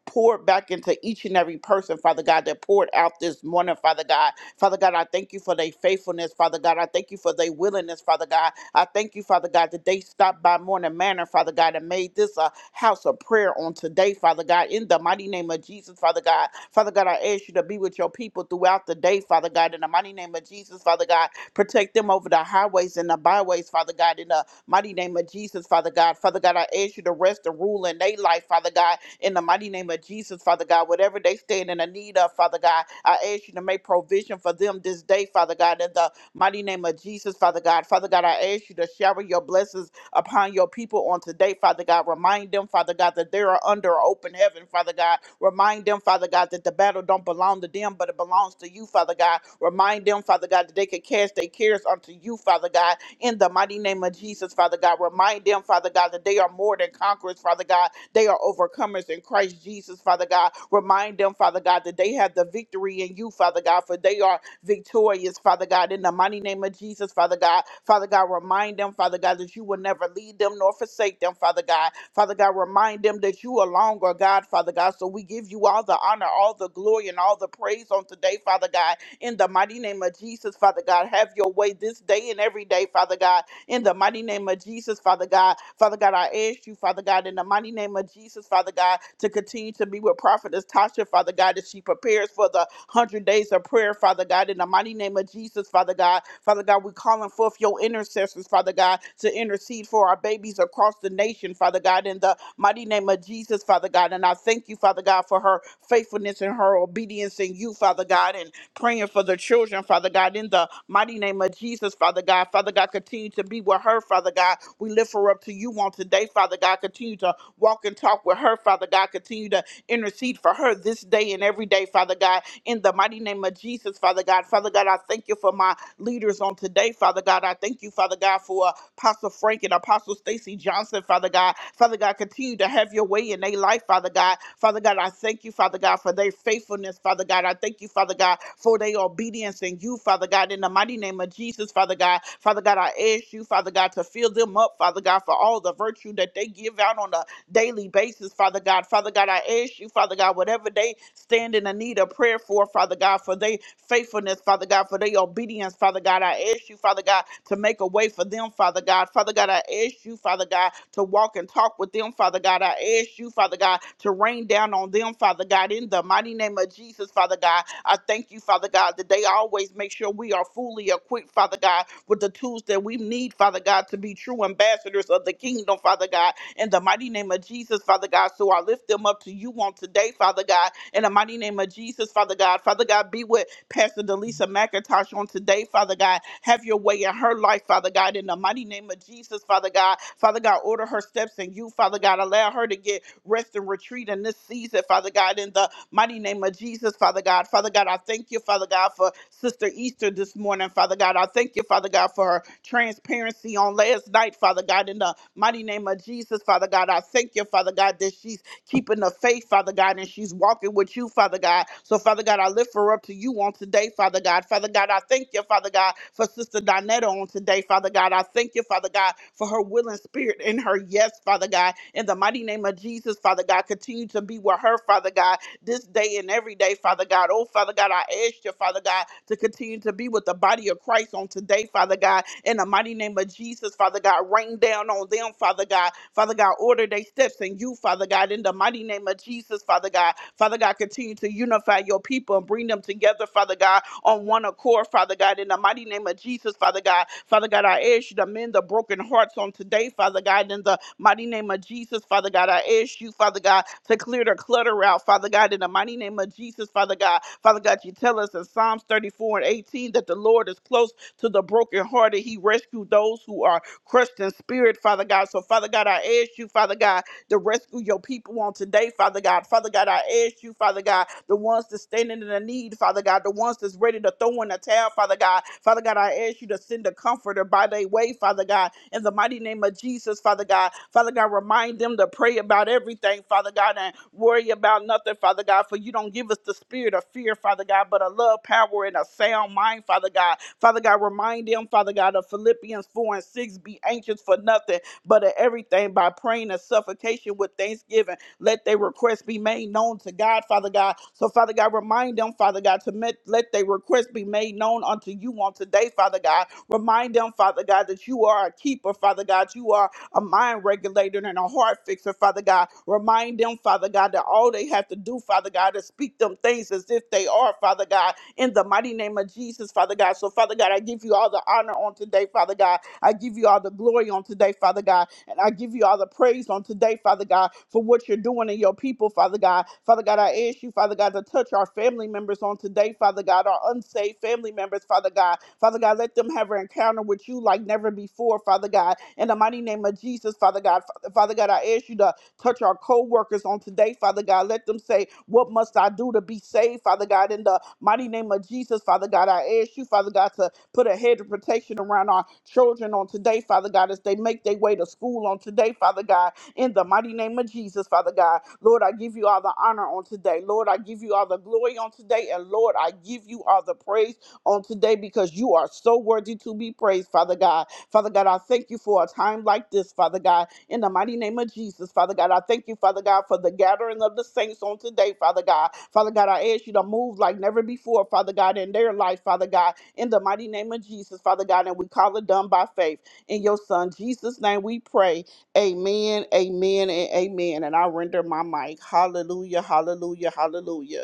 S5: Poured back into each and every person, Father God, that poured out this morning, Father God. Father God, I thank you for their faithfulness, Father God. I thank you for their willingness, Father God. I thank you, Father God, that they stopped by Morning Manor, Father God, and made this a house of prayer on today, Father God. In the mighty name of Jesus, Father God. Father God, I ask you to be with your people throughout the day, Father God. In the mighty name of Jesus, Father God. Protect them over the highways and the byways, Father God. In the mighty name of Jesus, Father God. Father God, I ask you to rest and rule in their life, Father God in the mighty name of Jesus, Father God. Whatever they stand in the need of, Father God, I ask you to make provision for them this day, Father God, in the mighty name of Jesus, Father God. Father God, I ask you to shower your blessings upon your people on today, Father God. Remind them, Father God, that they are under open heaven, Father God. Remind them, Father God, that the battle don't belong to them, but it belongs to you, Father God. Remind them, Father God, that they can cast their cares unto you, Father God, in the mighty name of Jesus, Father God. Remind them, Father God, that they are more than conquerors, Father God, they are overcomers in Christ Jesus, Father God. Remind them, Father God, that they have the victory in you, Father God, for they are victorious, Father God. In the mighty name of Jesus, Father God. Father God, remind them, Father God, that you will never lead them nor forsake them, Father God. Father God, remind them that you are longer, God, Father God. So we give you all the honor, all the glory, and all the praise on today, Father God. In the mighty name of Jesus, Father God, have your way this day and every day, Father God in the mighty name of Jesus, Father God. Father God, I ask you, Father God, in the mighty name of Jesus, Father God, to continue to be with Prophetess Tasha, Father God, as she prepares for the hundred days of prayer, Father God, in the mighty name of Jesus, Father God. Father God, we're calling forth your intercessors, Father God, to intercede for our babies across the nation, Father God, in the mighty name of Jesus, Father God. And I thank you, Father God, for her faithfulness and her obedience in you, Father God. And praying for the children, Father God, in the mighty name of Jesus, Father God. Father God, continue to be with her, Father God. We lift her up to you on today, Father God. Continue to walk and talk with her, Father God. Continue to intercede for her this day and every day, Father God, in the mighty name of Jesus, Father God. Father God, I thank you for my leaders on today, Father God. I thank you, Father God, for Apostle Frank and Apostle Stacy Johnson, Father God. Father God, continue to have your way in their life, Father God. Father God, I thank you, Father God, for their faithfulness, Father God. I thank you, Father God, for their obedience in you, Father God. In the mighty name of Jesus, Father God. Father God, I ask you, Father God, to fill them up, Father God, for all the virtue that they give out on a daily basis, Father God. Father God, I ask you, Father God, whatever they stand in the need of prayer for, Father God, for their faithfulness, Father God, for their obedience, Father God. I ask you, Father God, to make a way for them, Father God. Father God, I ask you, Father God, to walk and talk with them, Father God. I ask you, Father God, to rain down on them, Father God, in the mighty name of Jesus, Father God. I thank you, Father God, that they always make sure we are fully equipped, Father God, with the tools that we need, Father God, to be true ambassadors of the kingdom, Father God in the mighty name of Jesus, Father God. So I lift them up to you on today, Father God, in the mighty name of Jesus, Father God. Father God, be with Pastor Delisa McIntosh on today, Father God. Have your way in her life, Father God, in the mighty name of Jesus, Father God. Father God, order her steps in you, Father God. Allow her to get rest and retreat in this season, Father God, in the mighty name of Jesus, Father God. Father God, I thank you, Father God, for Sister Easter this morning, Father God. I thank you, Father God, for her transparency on last night, Father God, in the mighty name of Jesus, Father God. I thank you, Father God, that she's keeping the faith, Father God, and she's walking with you, Father God. So, Father God, I lift her up to you on today, Father God. Father God, I thank you, Father God, for Sister Donetta on today, Father God. I thank you, Father God, for her willing spirit and her yes, Father God. In the mighty name of Jesus, Father God, continue to be with her, Father God this day and every day, Father God. Oh, Father God, I ask you, Father God, to continue to be with the body of Christ on today, Father God. In the mighty name of Jesus, Father God, rain down on them, Father God. Father God, order their steps in you, Father God. In the mighty name of Jesus, Father God. Father God, continue to unify your people and bring them together, Father God, on one accord, Father God, in the mighty name of Jesus, Father God. Father God, I ask you to mend the broken hearts on today, Father God, in the mighty name of Jesus, Father God. I ask you, Father God, to clear the clutter out, Father God, in the mighty name of Jesus, Father God. Father God, you tell us in Psalms 34 and 18 that the Lord is close to the brokenhearted. He rescued those who are crushed in spirit, Father God. So, Father God, I ask you, Father God, to rescue your people on today, Father God. Father God, I ask you, Father God, the ones that's standing in the need, Father God, the ones that's ready to throw in the towel, Father God. Father God, I ask you to send a comforter by their way, Father God, in the mighty name of Jesus, Father God. Father God, remind them to pray about everything, Father God, and worry about nothing, Father God, for you don't give us the spirit of fear, Father God, but a love, power, and a sound mind, Father God. Father God, remind them, Father God, of Philippians 4 and 6 be anxious for nothing but of everything by praying and suffocation with thanksgiving. Let their requests be made known to God, Father God. So, Father God, remind them, Father God, to met, let their requests be made known unto you on today, Father God. Remind them, Father God, that you are a keeper, Father God. You are a mind regulator and a heart fixer, Father God. Remind them, Father God, that all they have to do, Father God, is speak them things as if they are, Father God, in the mighty name of Jesus, Father God. So, Father God, I give you all the honor on today, Father God. I give you all the glory on today, Father God. And I give you all the praise on today, Father God, for what you're doing in your people, Father God. Father God, I ask you, Father God, to touch our family members on today, Father God, our unsaved family members, Father God. Father God, let them have an encounter with you like never before, Father God. In the mighty name of Jesus, Father God. Fa- Father God, I ask you to touch our co-workers on today, Father God. Let them say, What must I do to be saved, Father God? In the mighty name of Jesus, Father God, I ask you, Father God, to Put a hedge of protection around our children on today, Father God, as they make their way to school on today, Father God, in the mighty name of Jesus, Father God. Lord, I give you all the honor on today. Lord, I give you all the glory on today. And Lord, I give you all the praise on today because you are so worthy to be praised, Father God. Father God, I thank you for a time like this, Father God, in the mighty name of Jesus, Father God. I thank you, Father God, for the gathering of the saints on today, Father God. Father God, I ask you to move like never before, Father God, in their life, Father God in the mighty name of Jesus, Father God, and we call it done by faith. In your Son, Jesus' name, we pray. Amen, amen, and amen. And I render my mic. Hallelujah, hallelujah, hallelujah.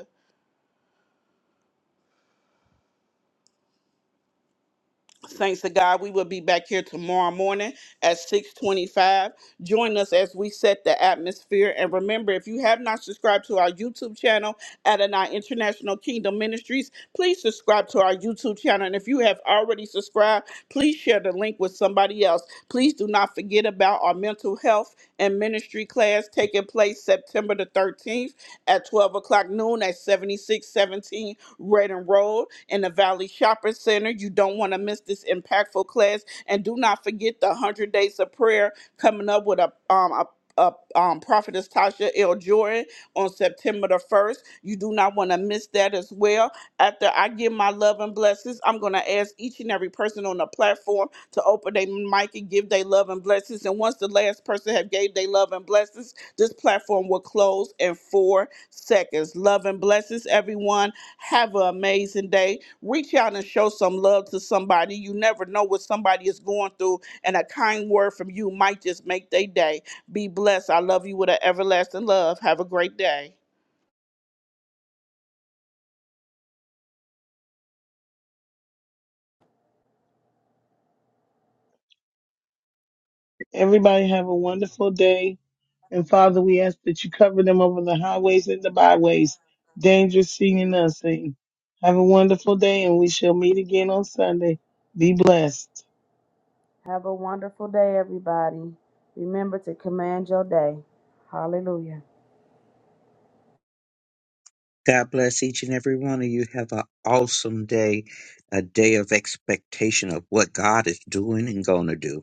S5: Thanks to God, we will be back here tomorrow morning at 625. Join us as we set the atmosphere. And remember, if you have not subscribed to our YouTube channel, Adonai International Kingdom Ministries, please subscribe to our YouTube channel. And if you have already subscribed, please share the link with somebody else. Please do not forget about our mental health and ministry class taking place September the 13th at 12 o'clock noon at 7617 Redden Road in the Valley Shopping Center. You don't want to miss this impactful class. And do not forget the 100 Days of Prayer coming up with a, um, a uh, um, Prophetess Tasha L. Jordan on September the 1st. You do not want to miss that as well. After I give my love and blessings, I'm going to ask each and every person on the platform to open their mic and give their love and blessings. And once the last person have gave their love and blessings, this platform will close in four seconds. Love and blessings, everyone. Have an amazing day. Reach out and show some love to somebody. You never know what somebody is going through, and a kind word from you might just make their day. Be blessed. I love you with an everlasting love. Have a great day.
S3: Everybody have a wonderful day. And Father, we ask that you cover them over the highways and the byways, dangerous seen and unseen. Have a wonderful day, and we shall meet again on Sunday. Be blessed.
S2: Have a wonderful day, everybody. Remember to command your day. Hallelujah.
S4: God bless each and every one of you. Have an awesome day, a day of expectation of what God is doing and going to do.